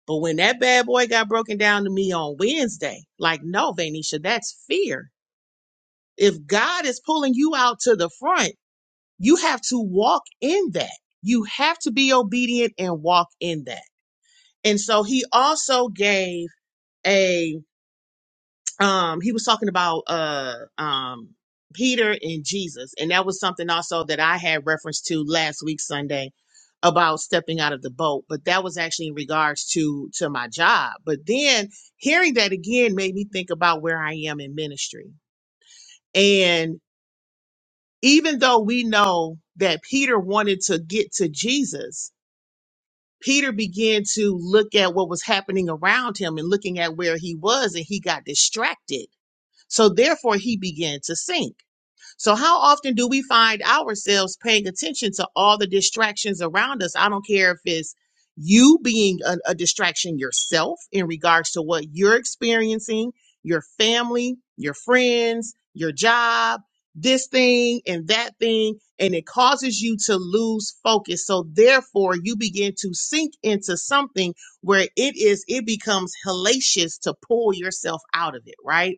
C: But when that bad boy got broken down to me on Wednesday, like, no, Vanisha, that's fear. If God is pulling you out to the front, you have to walk in that. You have to be obedient and walk in that. And so he also gave a um he was talking about uh um Peter and Jesus and that was something also that I had reference to last week Sunday about stepping out of the boat but that was actually in regards to to my job but then hearing that again made me think about where I am in ministry and even though we know that Peter wanted to get to Jesus Peter began to look at what was happening around him and looking at where he was, and he got distracted. So therefore, he began to sink. So, how often do we find ourselves paying attention to all the distractions around us? I don't care if it's you being a, a distraction yourself in regards to what you're experiencing, your family, your friends, your job, this thing and that thing, and it causes you to lose focus. So, therefore, you begin to sink into something where it is, it becomes hellacious to pull yourself out of it, right?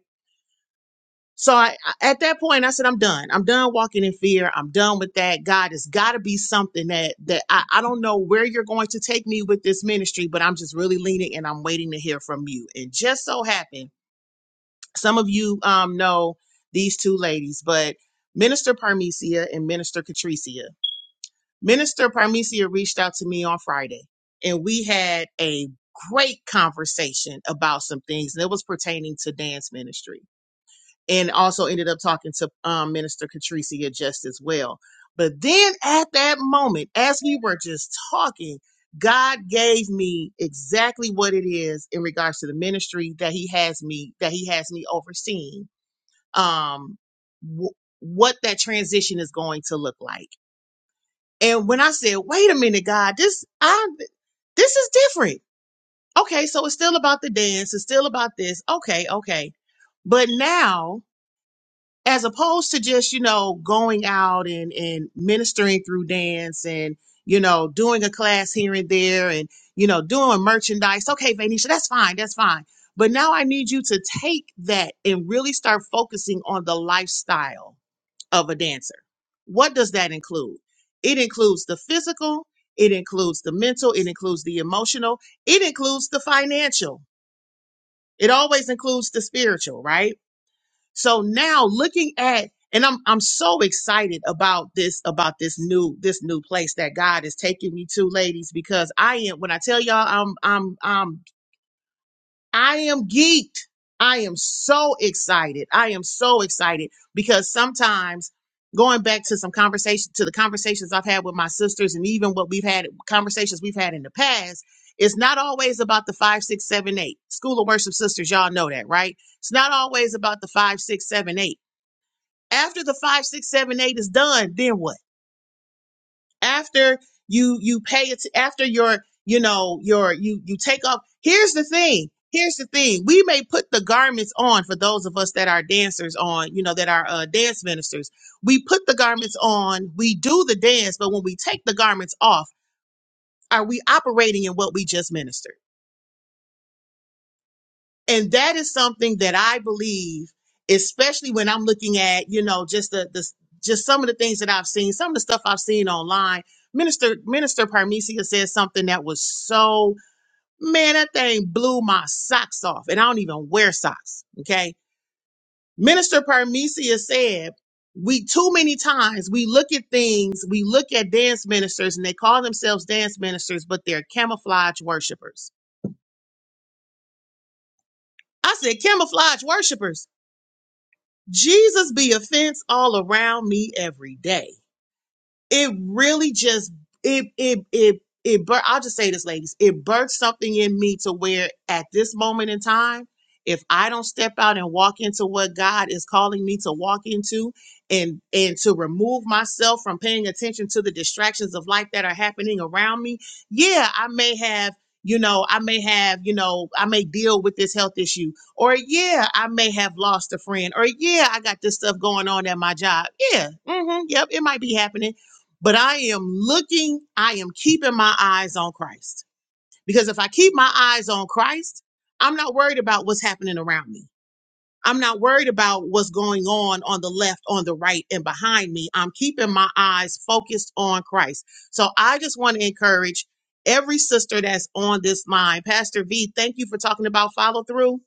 C: So I, I- at that point, I said, I'm done. I'm done walking in fear. I'm done with that. God, it's got to be something that that I, I don't know where you're going to take me with this ministry, but I'm just really leaning and I'm waiting to hear from you. And just so happened, some of you um, know these two ladies, but Minister Parmesia and Minister Catricia. Minister Parmesia reached out to me on Friday, and we had a great conversation about some things, and it was pertaining to dance ministry and also ended up talking to um, Minister Catricia just as well. But then at that moment, as we were just talking, God gave me exactly what it is in regards to the ministry that He has me that He has me overseeing. Um, w- what that transition is going to look like. And when I said, "Wait a minute, God, this I this is different." Okay, so it's still about the dance. It's still about this. Okay, okay. But now as opposed to just you know going out and and ministering through dance and you know doing a class here and there and you know doing merchandise okay Vanisha that's fine that's fine but now I need you to take that and really start focusing on the lifestyle of a dancer what does that include it includes the physical it includes the mental it includes the emotional it includes the financial it always includes the spiritual right so now looking at and I'm I'm so excited about this about this new this new place that God is taking me to, ladies, because I am when I tell y'all I'm I'm I'm I am geeked. I am so excited. I am so excited because sometimes going back to some conversation to the conversations I've had with my sisters and even what we've had conversations we've had in the past, it's not always about the five, six, seven, eight. School of worship sisters, y'all know that, right? It's not always about the five, six, seven, eight after the five six seven eight is done then what after you you pay it after your you know your you you take off here's the thing here's the thing we may put the garments on for those of us that are dancers on you know that are uh, dance ministers we put the garments on we do the dance but when we take the garments off are we operating in what we just ministered And that is something that I believe, especially when I'm looking at, you know, just the, the just some of the things that I've seen, some of the stuff I've seen online. Minister Minister Parmesia said something that was so man, that thing blew my socks off. And I don't even wear socks. Okay. Minister Parmesia said, we too many times we look at things, we look at dance ministers and they call themselves dance ministers, but they're camouflage worshipers. I said camouflage worshipers Jesus be offense all around me every day it really just it it it it bur- I'll just say this, ladies. It birthed something in me to where at this moment in time, if I don't step out and walk into what God is calling me to walk into and and to remove myself from paying attention to the distractions of life that are happening around me, yeah, I may have you know, I may have, you know, I may deal with this health issue. Or, yeah, I may have lost a friend. Or, yeah, I got this stuff going on at my job. Yeah, hmm yep, it might be happening but I am looking, I am keeping my eyes on Christ. Because if I keep my eyes on Christ, I'm not worried about what's happening around me. I'm not worried about what's going on on the left, on the right, and behind me. I'm keeping my eyes focused on Christ. So I just want to encourage every sister that's on this line. Pastor V, thank you for talking about follow through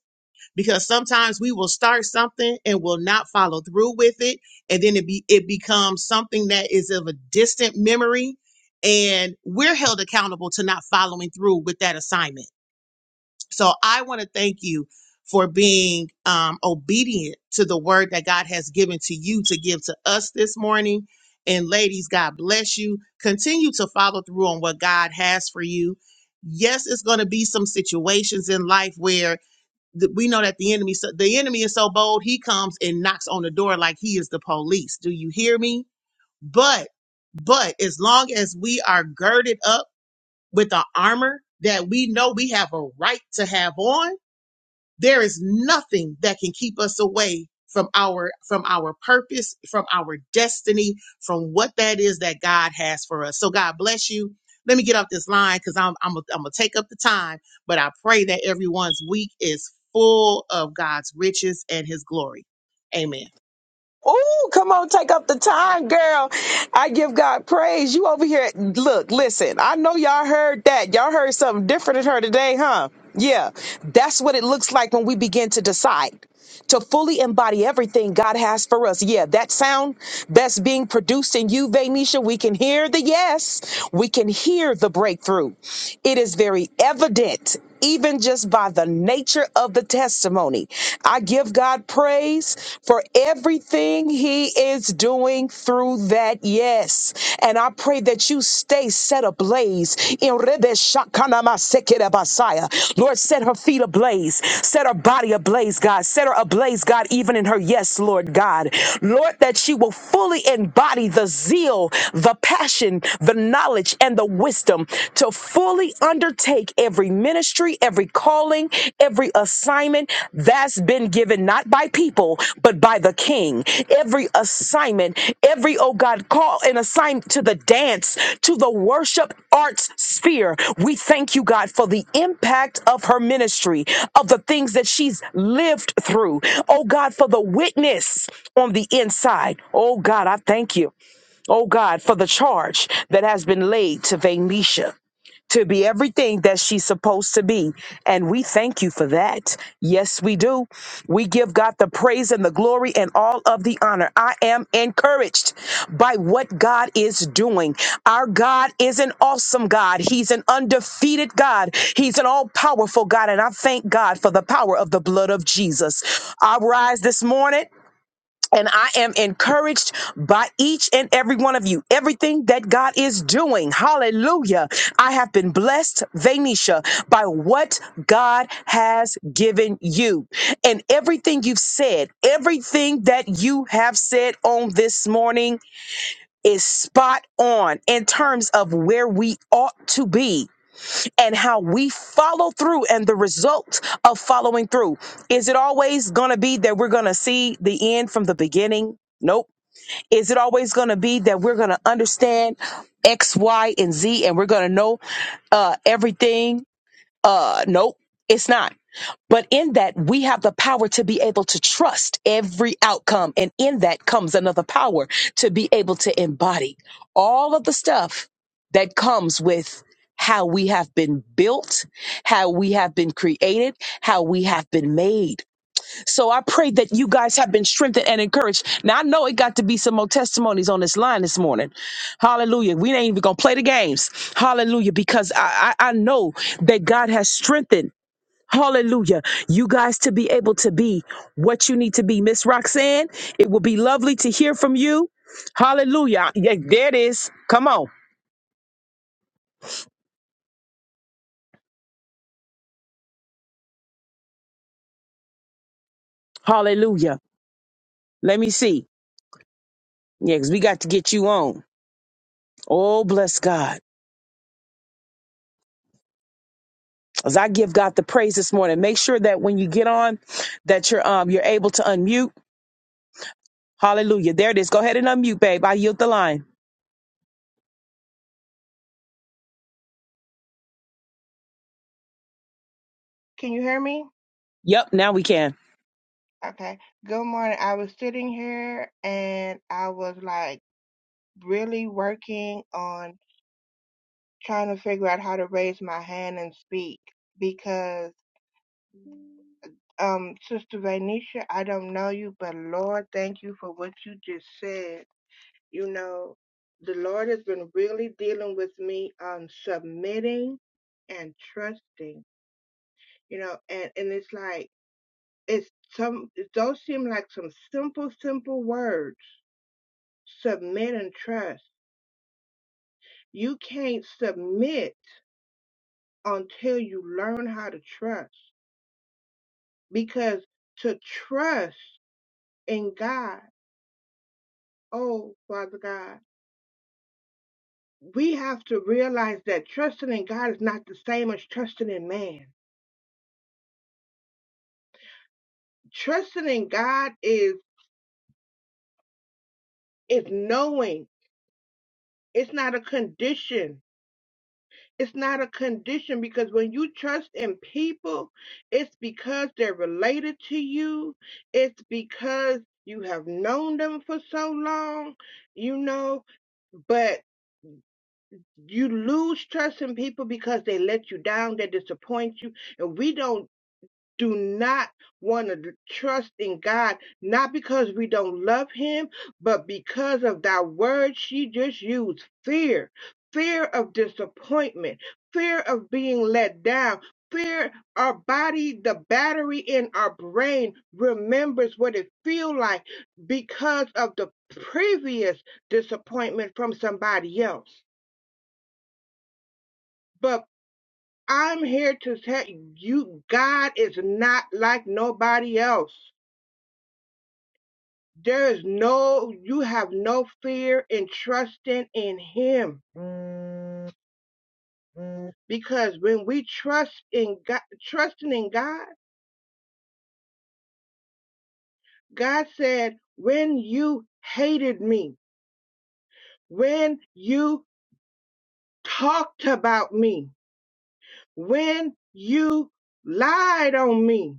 C: because sometimes we will start something and will not follow through with it and then it be it becomes something that is of a distant memory and we're held accountable to not following through with that assignment so i want to thank you for being um, obedient to the word that god has given to you to give to us this morning and ladies god bless you continue to follow through on what god has for you yes it's going to be some situations in life where th- we know that the enemy so, the enemy is so bold he comes and knocks on the door like he is the police do you hear me but but as long as we are girded up with the armor that we know we have a right to have on there is nothing that can keep us away from our from our purpose from our destiny from what that is that god has for us so god bless you let me get off this line because i'm i'm gonna I'm gonna take up the time but i pray that everyone's week is full of god's riches and his glory amen
A: Oh, come on, take up the time, girl. I give God praise. You over here. Look, listen, I know y'all heard that. Y'all heard something different in her today, huh? Yeah, that's what it looks like when we begin to decide to fully embody everything God has for us. Yeah, that sound that's being produced in you, Venetia, we can hear the yes, we can hear the breakthrough. It is very evident. Even just by the nature of the testimony, I give God praise for everything He is doing through that yes. And I pray that you stay set ablaze. In Rebe Shakanama Sekere Basaya. Lord, set her feet ablaze. Set her body ablaze, God. Set her ablaze, God, even in her yes, Lord God. Lord, that she will fully embody the zeal, the passion, the knowledge, and the wisdom to fully undertake every ministry, every calling, every assignment assignment that's been given not by people but by the king every assignment every oh god call an assignment to the dance to the worship arts sphere we thank you god for the impact of her ministry of the things that she's lived through oh god for the witness on the inside oh god i thank you oh god for the charge that has been laid to vanisha to be everything that she's supposed to be. And we thank you for that. Yes, we do. We give God the praise and the glory and all of the honor. I am encouraged by what God is doing. Our God is an awesome God. He's an undefeated God. He's an all powerful God. And I thank God for the power of the blood of Jesus. I rise this morning. And I am encouraged by each and every one of you. Everything that God is doing. Hallelujah. I have been blessed, Venetia, by what God has given you. And everything you've said, everything that you have said on this morning is spot on in terms of where we ought to be and how we follow through and the result of following through. Is it always going to be that we're going to see the end from the beginning? Nope. Is it always going to be that we're going to understand X, Y, and Z and we're going to know uh, everything uh, nope, it's not. But in that, we have the power to be able to trust every outcome. And in that comes another power to be able to embody all of the stuff that comes with how we have been built, how we have been created, how we have been made. So I pray that you guys have been strengthened and encouraged. Now I know it got to be some more testimonies on this line this morning. Hallelujah. We ain't even gonna play the games. Hallelujah. Because I, I, I know that God has strengthened. Hallelujah. You guys to be able to be what you need to be. Miss Roxanne, it will be lovely to hear from you. Hallelujah. Yeah, there it is. Come on. Hallelujah. Let me see. Yeah, 'cause we got to get you on. Oh, bless God. As I give God the praise this morning, make sure that when you get on, that you're um you're able to unmute. Hallelujah. There it is. Go ahead and unmute, babe. I yield the line.
D: Can you hear me?
A: Yep, now we can.
D: Okay. Good morning. I was sitting here and I was like really working on trying to figure out how to raise my hand and speak because um Sister Venetia, I don't know you, but Lord, thank you for what you just said. You know, the Lord has been really dealing with me on submitting and trusting. You know, and and it's like It's some those seem like some simple, simple words. Submit and trust. You can't submit until you learn how to trust. Because to trust in God, oh Father God, we have to realize that trusting in God is not the same as trusting in man. Trusting in God is is knowing. It's not a condition It's not a condition because when you trust in people, it's because they're related to you. It's because you have known them for so long, you know, but you lose trust in people because they let you down, they disappoint you, and we don't do not want to trust in God, not because we don't love Him, but because of that word she just used fear, fear of disappointment, fear of being let down. Fear, our body, the battery in our brain remembers what it feels like because of the previous disappointment from somebody else. But I'm here to tell you, God is not like nobody else. There is no, you have no fear in trusting in Him. Because when we trust in God, trusting in God, God said, when you hated me, when you talked about me, when you lied on me,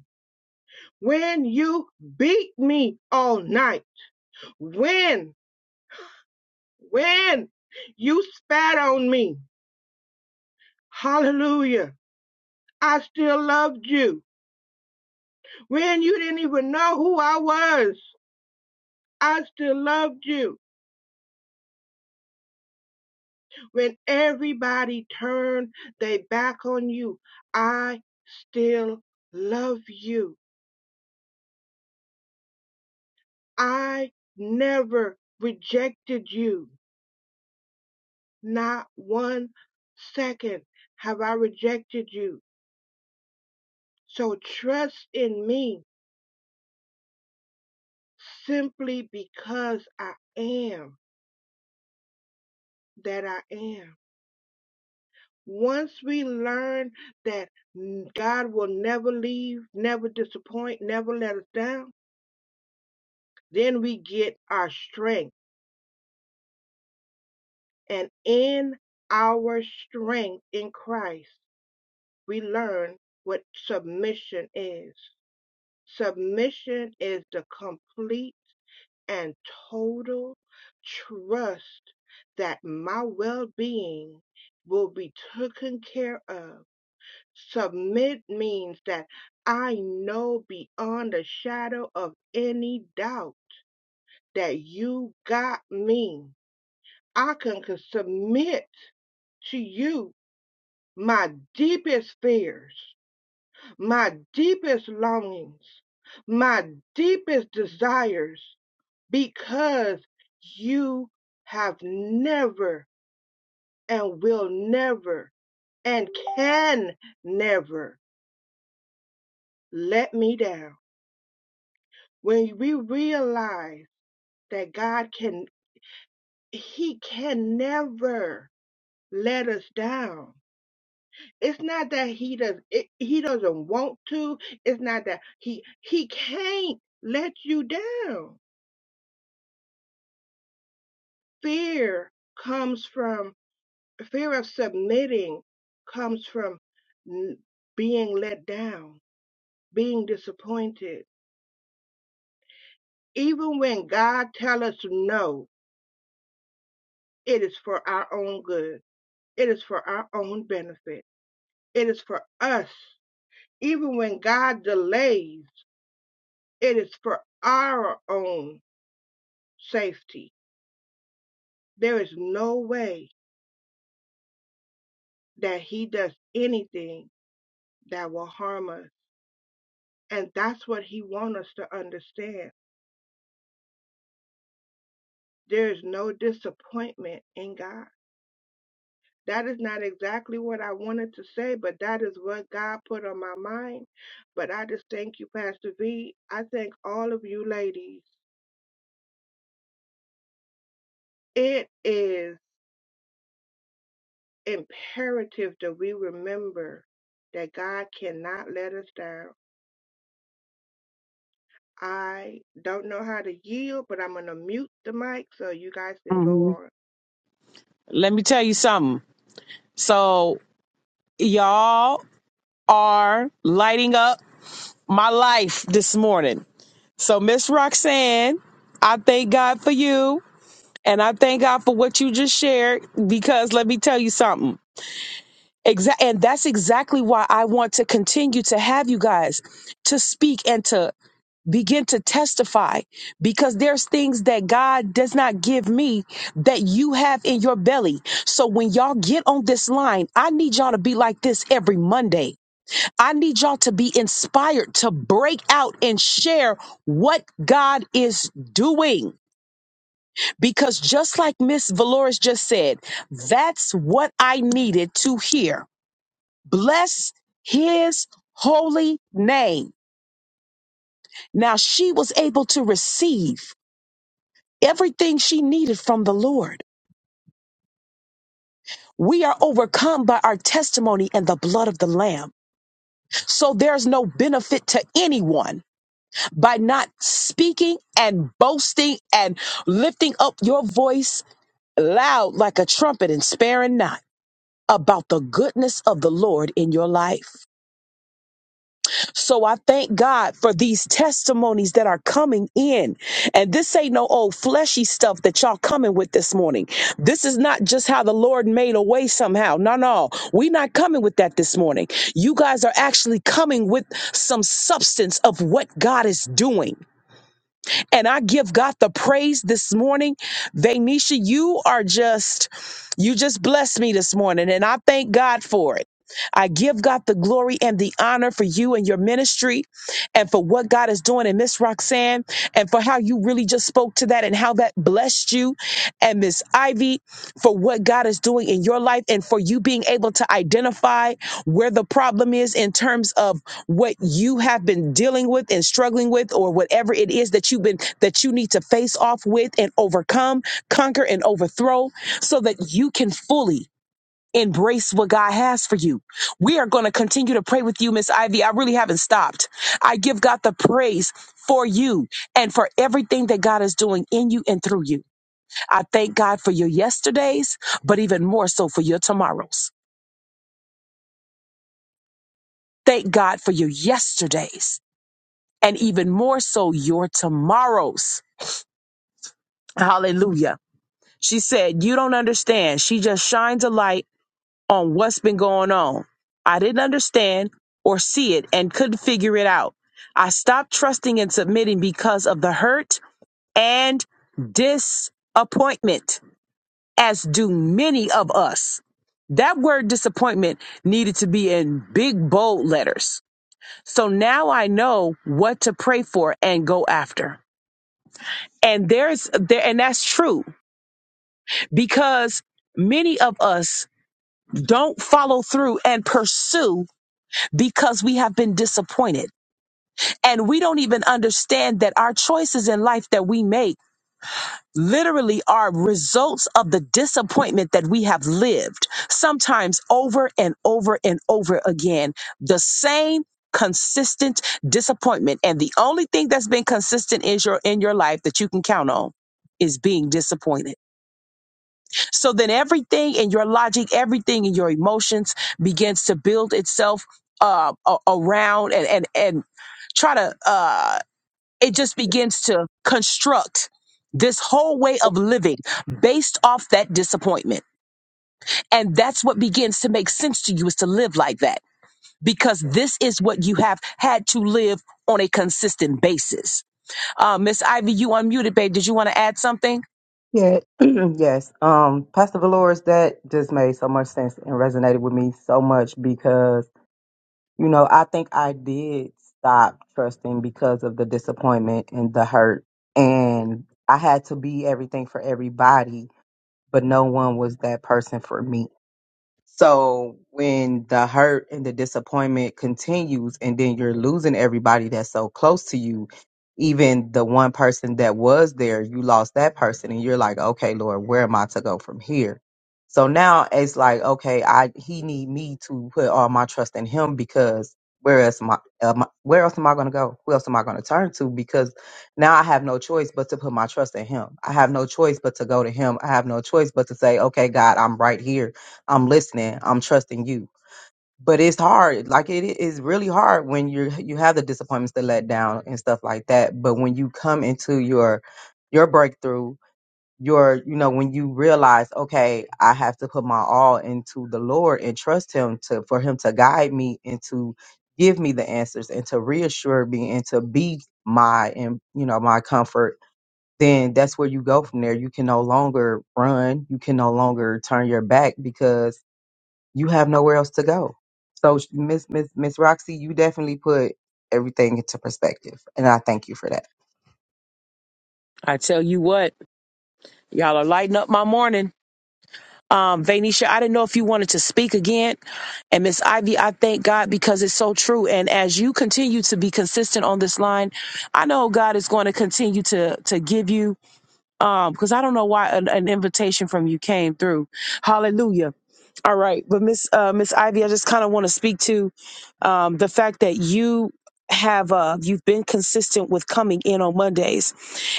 D: when you beat me all night, when, when you spat on me, hallelujah I still loved you. When you didn't even know who I was, I still loved you. When everybody turned their back on you, I still love you. I never rejected you. Not one second have I rejected you. So trust in me simply because I am that I am. Once we learn that God will never leave, never disappoint, never let us down, then we get our strength. And in our strength in Christ, we learn what submission is. Submission is the complete and total trust that my well being will be taken care of Submit means that I know beyond a shadow of any doubt that you got me. I can can submit to you my deepest fears, my deepest longings, my deepest desires, because you have never and will never and can never let me down. When we realize that God can, He can never let us down. It's not that He does, it, He doesn't want to. It's not that He, He can't let you down. Fear comes from, fear of submitting comes from n- being let down, being disappointed. Even when God tells us no, it is for our own good. It is for our own benefit. It is for us. Even when God delays, it is for our own safety. There is no way that He does anything that will harm us. And that's what He wants us to understand. There is no disappointment in God. That is not exactly what I wanted to say, but that is what God put on my mind. But I just thank you, Pastor V. I thank all of you ladies. It is. imperative that we remember that God cannot let us down. I don't know how to yield, but I'm going to mute the mic so you guys can go
A: hmm
D: on.
A: Let me tell you something. So y'all are lighting up my life this morning. So Miss Roxanne, I thank God for you. And I thank God for what you just shared because let me tell you something. Exactly. And that's exactly why I want to continue to have you guys to speak and to begin to testify because there's things that God does not give me that you have in your belly. So when y'all get on this line, I need y'all to be like this every Monday. I need y'all to be inspired to break out and share what God is doing. Because just like Miss Valores just said, that's what I needed to hear Bless his holy name. Now she was able to receive everything she needed from the Lord. We are overcome by our testimony and the blood of the Lamb. So there's no benefit to anyone by not speaking and boasting and lifting up your voice loud like a trumpet and sparing not about the goodness of the Lord in your life. So I thank God for these testimonies that are coming in. And this ain't no old fleshy stuff that y'all coming with this morning. This is not just how the Lord made a way somehow. No, no. we not coming with that this morning. You guys are actually coming with some substance of what God is doing. And I give God the praise this morning. Venetia, you are just, you just blessed me this morning, and I thank God for it. I give God the glory and the honor for you and your ministry and for what God is doing in Miss Roxanne and for how you really just spoke to that and how that blessed you and Miss Ivy for what God is doing in your life and for you being able to identify where the problem is in terms of what you have been dealing with and struggling with or whatever it is that you've been that you need to face off with and overcome conquer and overthrow so that you can fully embrace what god has for you we are going to continue to pray with you miss ivy i really haven't stopped i give god the praise for you and for everything that god is doing in you and through you i thank god for your yesterdays but even more so for your tomorrows thank god for your yesterdays and even more so your tomorrows. Hallelujah. She said, You don't understand. She just shines a light on what's been going on. I didn't understand or see it and couldn't figure it out. I stopped trusting and submitting because of the hurt and disappointment, as do many of us. That word disappointment needed to be in big bold letters. So now I know what to pray for and go after. And there's there and that's true because many of us don't follow through and pursue because we have been disappointed. And we don't even understand that our choices in life that we make literally are results of the disappointment that we have lived sometimes over and over and over again the same consistent disappointment and the only thing that's been consistent is your in your life that you can count on is being disappointed So then everything in your logic, everything in your emotions begins to build itself uh, a- around and, and, and try to, uh, it just begins to construct this whole way of living based off that disappointment. And that's what begins to make sense to you is to live like that because this is what you have had to live on a consistent basis. Uh, Miss Ivy, you unmuted, babe. Did you want to add something?
B: Yeah, yes. Um, Pastor Valores, that just made so much sense and resonated with me so much because You know, I think I did stop trusting because of the disappointment and the hurt. And I had to be everything for everybody, but no one was that person for me. So when the hurt and the disappointment continues, and then you're losing everybody that's so close to you, even the one person that was there, you lost that person, and you're like, okay, Lord, where am I to go from here? So now it's like, okay, I he need me to put all my trust in him because where else am I, am I- where else am I going to go? Who else am I going to turn to? Because now I have no choice but to put my trust in him. I have no choice but to go to him. I have no choice but to say, okay, God, I'm right here I'm listening, I'm trusting you. But it's hard. Like it is really hard when you you have the disappointments to let down and stuff like that. But when you come into your your breakthrough, your you know when you realize, okay, I have to put my all into the Lord and trust Him to for Him to guide me and to give me the answers and to reassure me and to be my and you know my comfort then that's where you go from there. You can no longer run. You can no longer turn your back because you have nowhere else to go. So Miss Miss Miss Roxy, you definitely put everything into perspective, and I thank you for that.
A: I tell you what, y'all are lighting up my morning. Um, Vainisha, I didn't know if you wanted to speak again. And Miss Ivy, I thank God because it's so true. And as you continue to be consistent on this line, I know God is going to continue to to give you um because i don't know why an, an invitation from you came through hallelujah all right but miss uh miss ivy i just kind of want to speak to um the fact that you have uh you've been consistent with coming in on mondays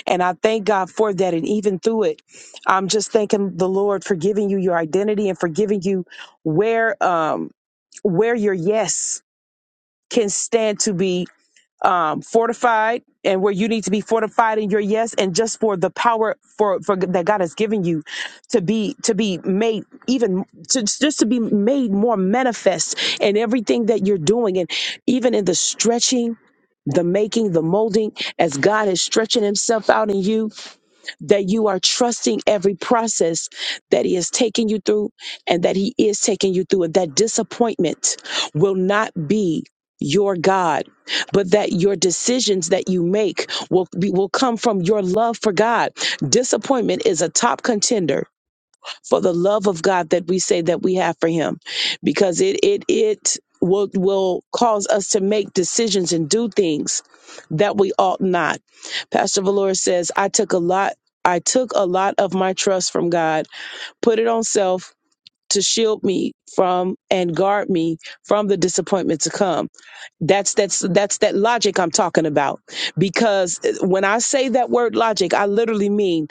A: and i thank god for that and even through it i'm just thanking the lord for giving you your identity and for giving you where um where your yes can stand to be um, fortified and where you need to be fortified in your yes and just for the power for, for that God has given you to be to be made even to, just to be made more manifest in everything that you're doing and even in the stretching the making the molding as God is stretching himself out in you that you are trusting every process that He has taken you through and that He is taking you through, and that disappointment will not be your God, but that your decisions that you make will be, will come from your love for God. Disappointment is a top contender for the love of God that we say that we have for him because it it it will will cause us to make decisions and do things that we ought not. Pastor Valora says, I took a lot I took a lot of my trust from God, put it on self to shield me from and guard me from the disappointment to come. That's that's that's that logic I'm talking about. Because eh, when I say that word logic, I literally mean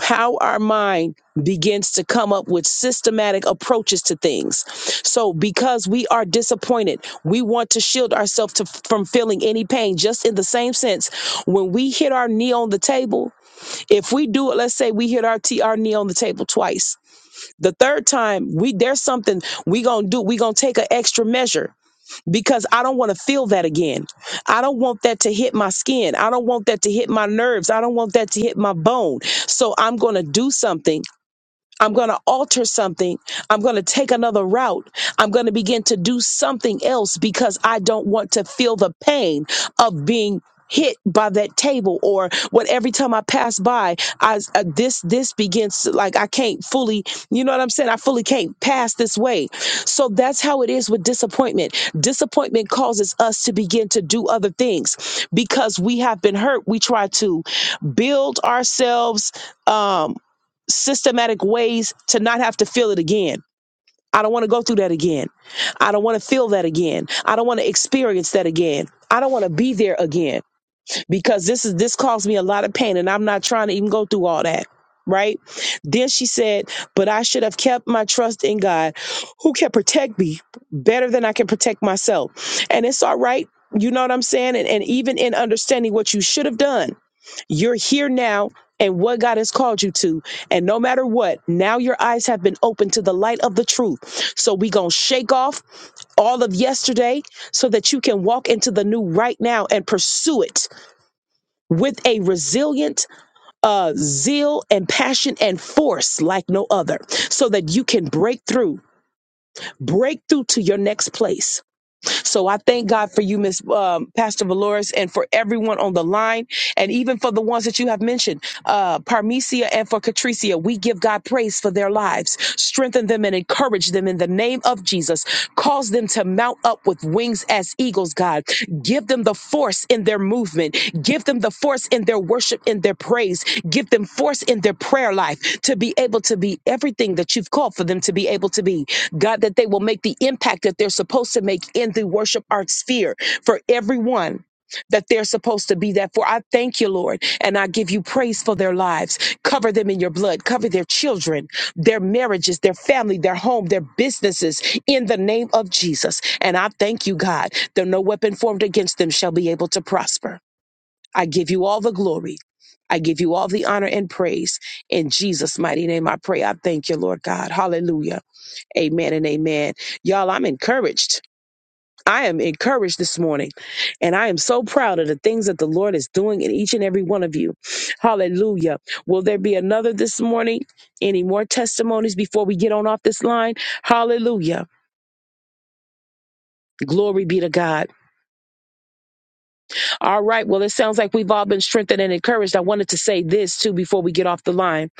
A: how our mind begins to come up with systematic approaches to things. So because we are disappointed, we want to shield ourselves to, from feeling any pain. Just in the same sense, when we hit our knee on the table, if we do it, let's say we hit our t- our knee on the table twice the third time, we there's something we gonna do. We gonna take an extra measure because I don't want to feel that again. I don't want that to hit my skin. I don't want that to hit my nerves. I don't want that to hit my bone. So I'm gonna do something I'm going to alter something. I'm going to take another route. I'm going to begin to do something else because I don't want to feel the pain of being hit by that table or what every time I pass by I uh, this this begins to, like I can't fully you know what I'm saying I fully can't pass this way so that's how it is with disappointment disappointment causes us to begin to do other things because we have been hurt we try to build ourselves Um, systematic ways to not have to feel it again. I don't want to go through that again. I don't want to feel that again. I don't want to experience that again. I don't want to be there again because this is this caused me a lot of pain and I'm not trying to even go through all that. Right? Then she said, But I should have kept my trust in God who can protect me better than I can protect myself. And it's all right. You know what I'm saying? And, and even in understanding what you should have done you're here now and what God has called you to. And no matter what, now your eyes have been opened to the light of the truth. So we going to shake off all of yesterday so that you can walk into the new right now and pursue it with a resilient uh, zeal and passion and force like no other so that you can break through break through to your next place so i thank god for you miss um, pastor valores and for everyone on the line and even for the ones that you have mentioned uh, Parmesia and for Catricia. We give God praise for their lives. Strengthen them and encourage them in the name of Jesus. Cause them to mount up with wings as eagles, God. Give them the force in their movement. Give them the force in their worship, in their praise. Give them force in their prayer life to be able to be everything that you've called for them to be able to be. God, that they will make the impact that they're supposed to make in the worship art sphere for everyone that they're supposed to be that for. I thank you, Lord, and I give you praise for their lives. Cover them in your blood. Cover their children, their marriages, their family, their home, their businesses in the name of Jesus. And I thank you, God, that no weapon formed against them shall be able to prosper. I give you all the glory. I give you all the honor and praise. In Jesus' mighty name, I pray. I thank you, Lord God. Hallelujah. Amen and amen. Y'all, I'm encouraged. I am encouraged this morning, and I am so proud of the things that the Lord is doing in each and every one of you. Hallelujah. Will there be another this morning? Any more testimonies before we get on off this line? Hallelujah. Glory be to God. All right. Well, it sounds like we've all been strengthened and encouraged. I wanted to say this too before we get off the line.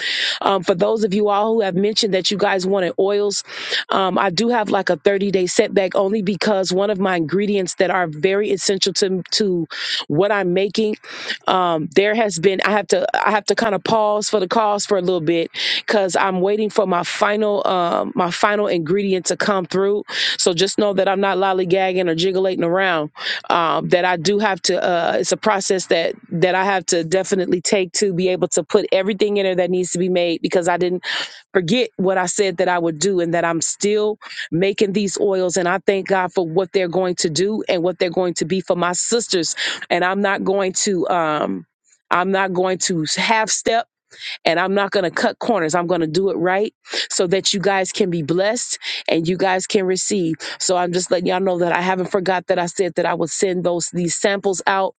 A: Um, for those of you all who have mentioned that you guys wanted oils, um, I do have like a 30 day setback only because one of my ingredients that are very essential to to what I'm making, um, there has been I have to I have to kind of pause for the cause for a little bit because I'm waiting for my final um, my final ingredient to come through. So just know that I'm not lollygagging or jiggling around um, that I do have to. Uh, it's a process that that I have to definitely take to be able to put everything in there that needs to be made because I didn't forget what I said that I would do and that I'm still making these oils and I thank God for what they're going to do and what they're going to be for my sisters and I'm not going to. Um, I'm not going to half step and I'm not going to cut corners. I'm going to do it right so that you guys can be blessed and you guys can receive. So I'm just letting y'all know that I haven't forgot that I said that I would send those these samples out,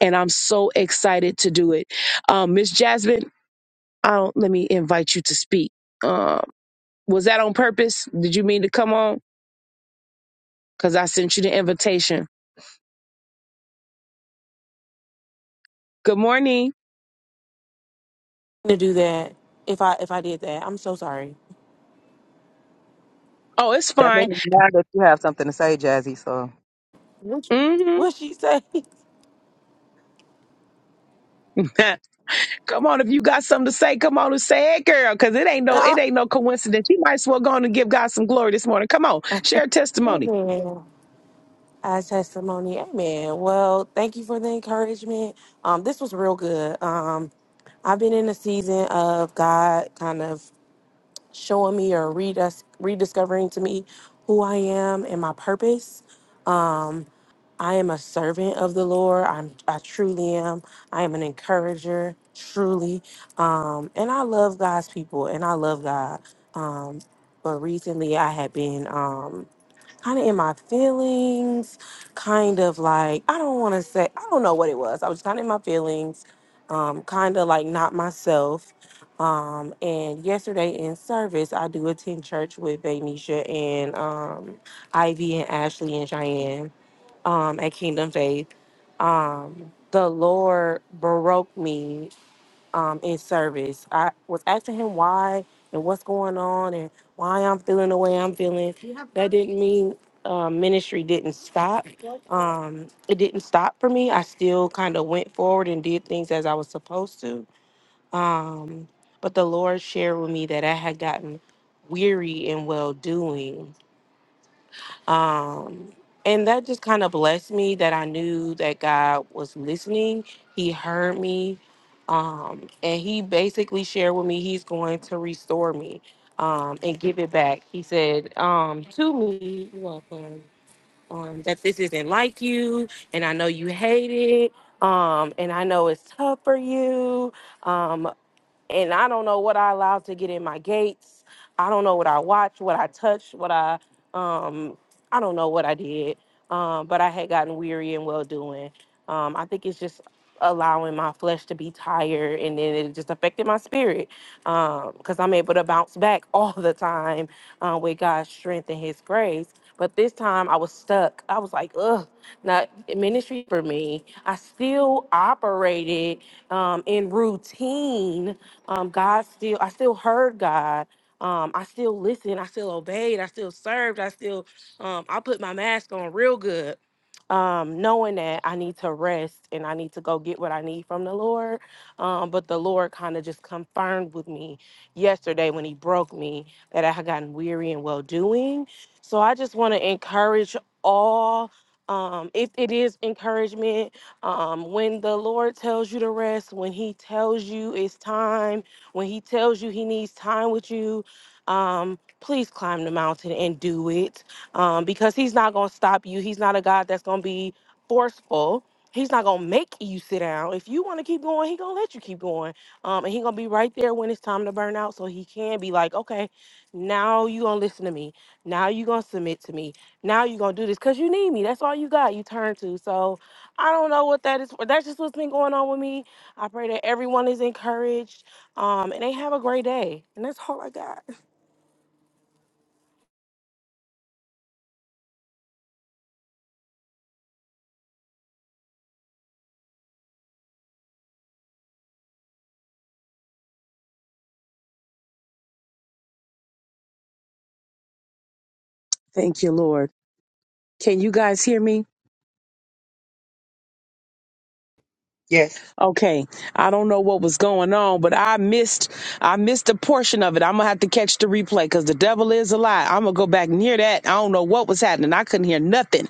A: and I'm so excited to do it. Um, Miss Jasmine, I don't, let me invite you to speak. Um, was that on purpose? Did you mean to come on? Because I sent you the invitation. Good morning.
E: to do that if I if I did that. I'm so sorry.
A: Oh, it's
B: That
A: fine.
B: means now that you have something to say, Jazzy. So
E: What
A: hmm
E: what she say?
A: Come on, if you got something to say, come on and say it, girl, because it ain't no it
E: Nah,
A: ain't no coincidence. You might as well go on and give God some glory this morning. Come on, share a testimony.
E: Amen. As testimony, amen. Well, thank you for the encouragement. Um, this was real good. Um, I've been in a season of God kind of showing me or redis- rediscovering to me who I am and my purpose. Um, I am a servant of the Lord. I'm I truly am. I am an encourager, truly. Um, and I love God's people and I love God. Um, but recently I had been um kind of in my feelings, kind of like I don't want to say I don't know what it was. I was kind of in my feelings, um, kind of like not myself. Um, and yesterday in service, I do attend church with Vanisha and um, Ivy and Ashley and Cheyenne um, at Kingdom Faith. Um, the Lord broke me um, in service. I was asking him why and what's going on and why I'm feeling the way I'm feeling. That didn't mean uh, ministry didn't stop. Um, it didn't stop for me. I still kind of went forward and did things as I was supposed to. Um, but the Lord shared with me that I had gotten weary in well doing um, and that just kind of blessed me that I knew that God was listening. He heard me. Um, and he basically shared with me he's going to restore me um, and give it back. He said um, to me, you're welcome, um, that this isn't like you. And I know you hate it. Um, and I know it's tough for you. um, and I don't know what I allowed to get in my gates. I don't know what I watched, what I touched, what I um I don't know what I did. Um, but I had gotten weary and well doing. Um, I think it's just allowing my flesh to be tired and then it just affected my spirit. Um, because I'm able to bounce back all the time uh, with God's strength and his grace. But this time I was stuck. I was like, ugh, not ministry for me. I still operated um, in routine um, God still, I still heard God. Um, I still listened. I still obeyed. I still served. I still, um, I put my mask on real good, um, knowing that I need to rest and I need to go get what I need from the Lord. Um, but the Lord kind of just confirmed with me yesterday when He broke me that I had gotten weary and well doing. So I just want to encourage all. Um, if it is encouragement, um, when the Lord tells you to rest, when He tells you it's time, when He tells you He needs time with you, um, please climb the mountain and do it um, because He's not going to stop you. He's not a God that's going to be forceful. He's not gonna make you sit down. If you want to keep going, he gonna let you keep going, um, and he gonna be right there when it's time to burn out. So he can be like, okay, now you gonna listen to me. Now you gonna submit to me. Now you gonna do this because you need me. That's all you got. You turn to so. I don't know what that is for. That's just what's been going on with me. I pray that everyone is encouraged um, and they have a great day. And that's all I got.
A: Thank you, Lord. Can you guys hear me?
B: Yes.
A: Okay. I don't know what was going on, but I missed I missed a portion of it. I'm gonna have to catch the replay because the devil is a lie. I'm gonna go back near that. I don't know what was happening. I couldn't hear nothing.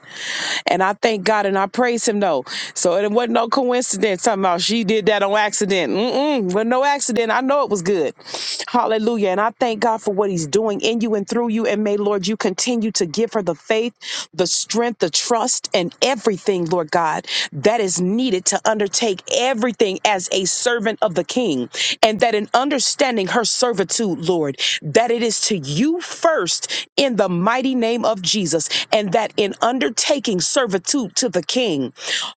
A: And I thank God and I praise him though. So it wasn't no coincidence. Talking about she did that on accident. Mm-mm. Well, no accident. I know it was good. Hallelujah. And I thank God for what he's doing in you and through you. And may, Lord, you continue to give her the faith, the strength, the trust, and everything, Lord God, that is needed to undertake everything as a servant of the king. And that in understanding her servitude, Lord, that it is to you first in the mighty name mighty name of Jesus, and that in undertaking servitude to the King,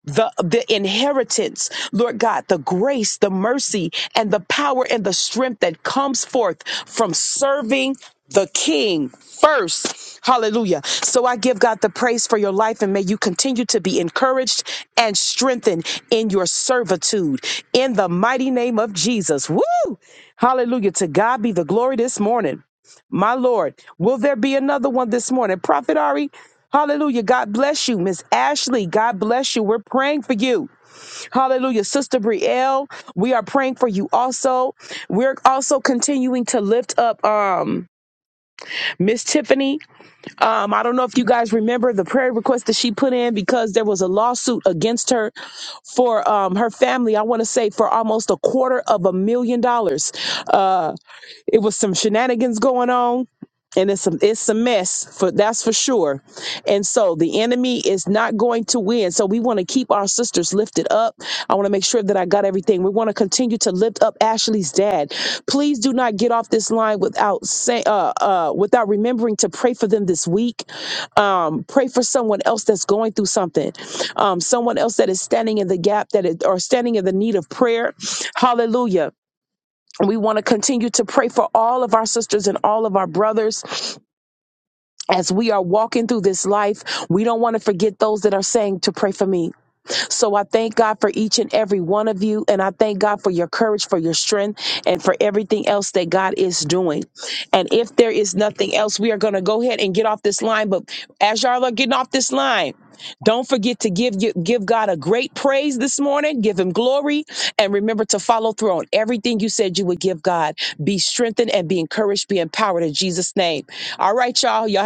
A: the, the inheritance, Lord God, the grace, the mercy, and the power and the strength that comes forth from serving the King first. Hallelujah. So I give God the praise for your life and may you continue to be encouraged and strengthened in your servitude in the mighty name of Jesus. Woo! Hallelujah. To God be the glory this morning. My Lord, will there be another one this morning? Prophet Ari, hallelujah. God bless you. Miss Ashley, God bless you. We're praying for you. Hallelujah. Sister Brielle, we are praying for you also. We're also continuing to lift up um Miss Tiffany. Um, I don't know if you guys remember the prayer request that she put in because there was a lawsuit against her for um her family. I want to say for almost a quarter of a million dollars. Uh, it was some shenanigans going on, and it's some it's a mess for that's for sure. And so the enemy is not going to win. So we want to keep our sisters lifted up. I want to make sure that I got everything. We want to continue to lift up Ashley's dad. Please do not get off this line without say, uh, uh, without remembering to pray for them this week. Um, pray for someone else that's going through something, um, someone else that is standing in the gap that is, or standing in the need of prayer. Hallelujah we want to continue to pray for all of our sisters and all of our brothers as we are walking through this life. We don't want to forget those that are saying to pray for me. So I thank God for each and every one of you. And I thank God for your courage, for your strength, and for everything else that God is doing. And if there is nothing else, we are going to go ahead and get off this line. But as y'all are getting off this line, don't forget to give you- give God a great praise this morning. Give Him glory, and remember to follow through on everything you said you would give God. Be strengthened and be encouraged. Be empowered in Jesus' name. All right, y'all. Y'all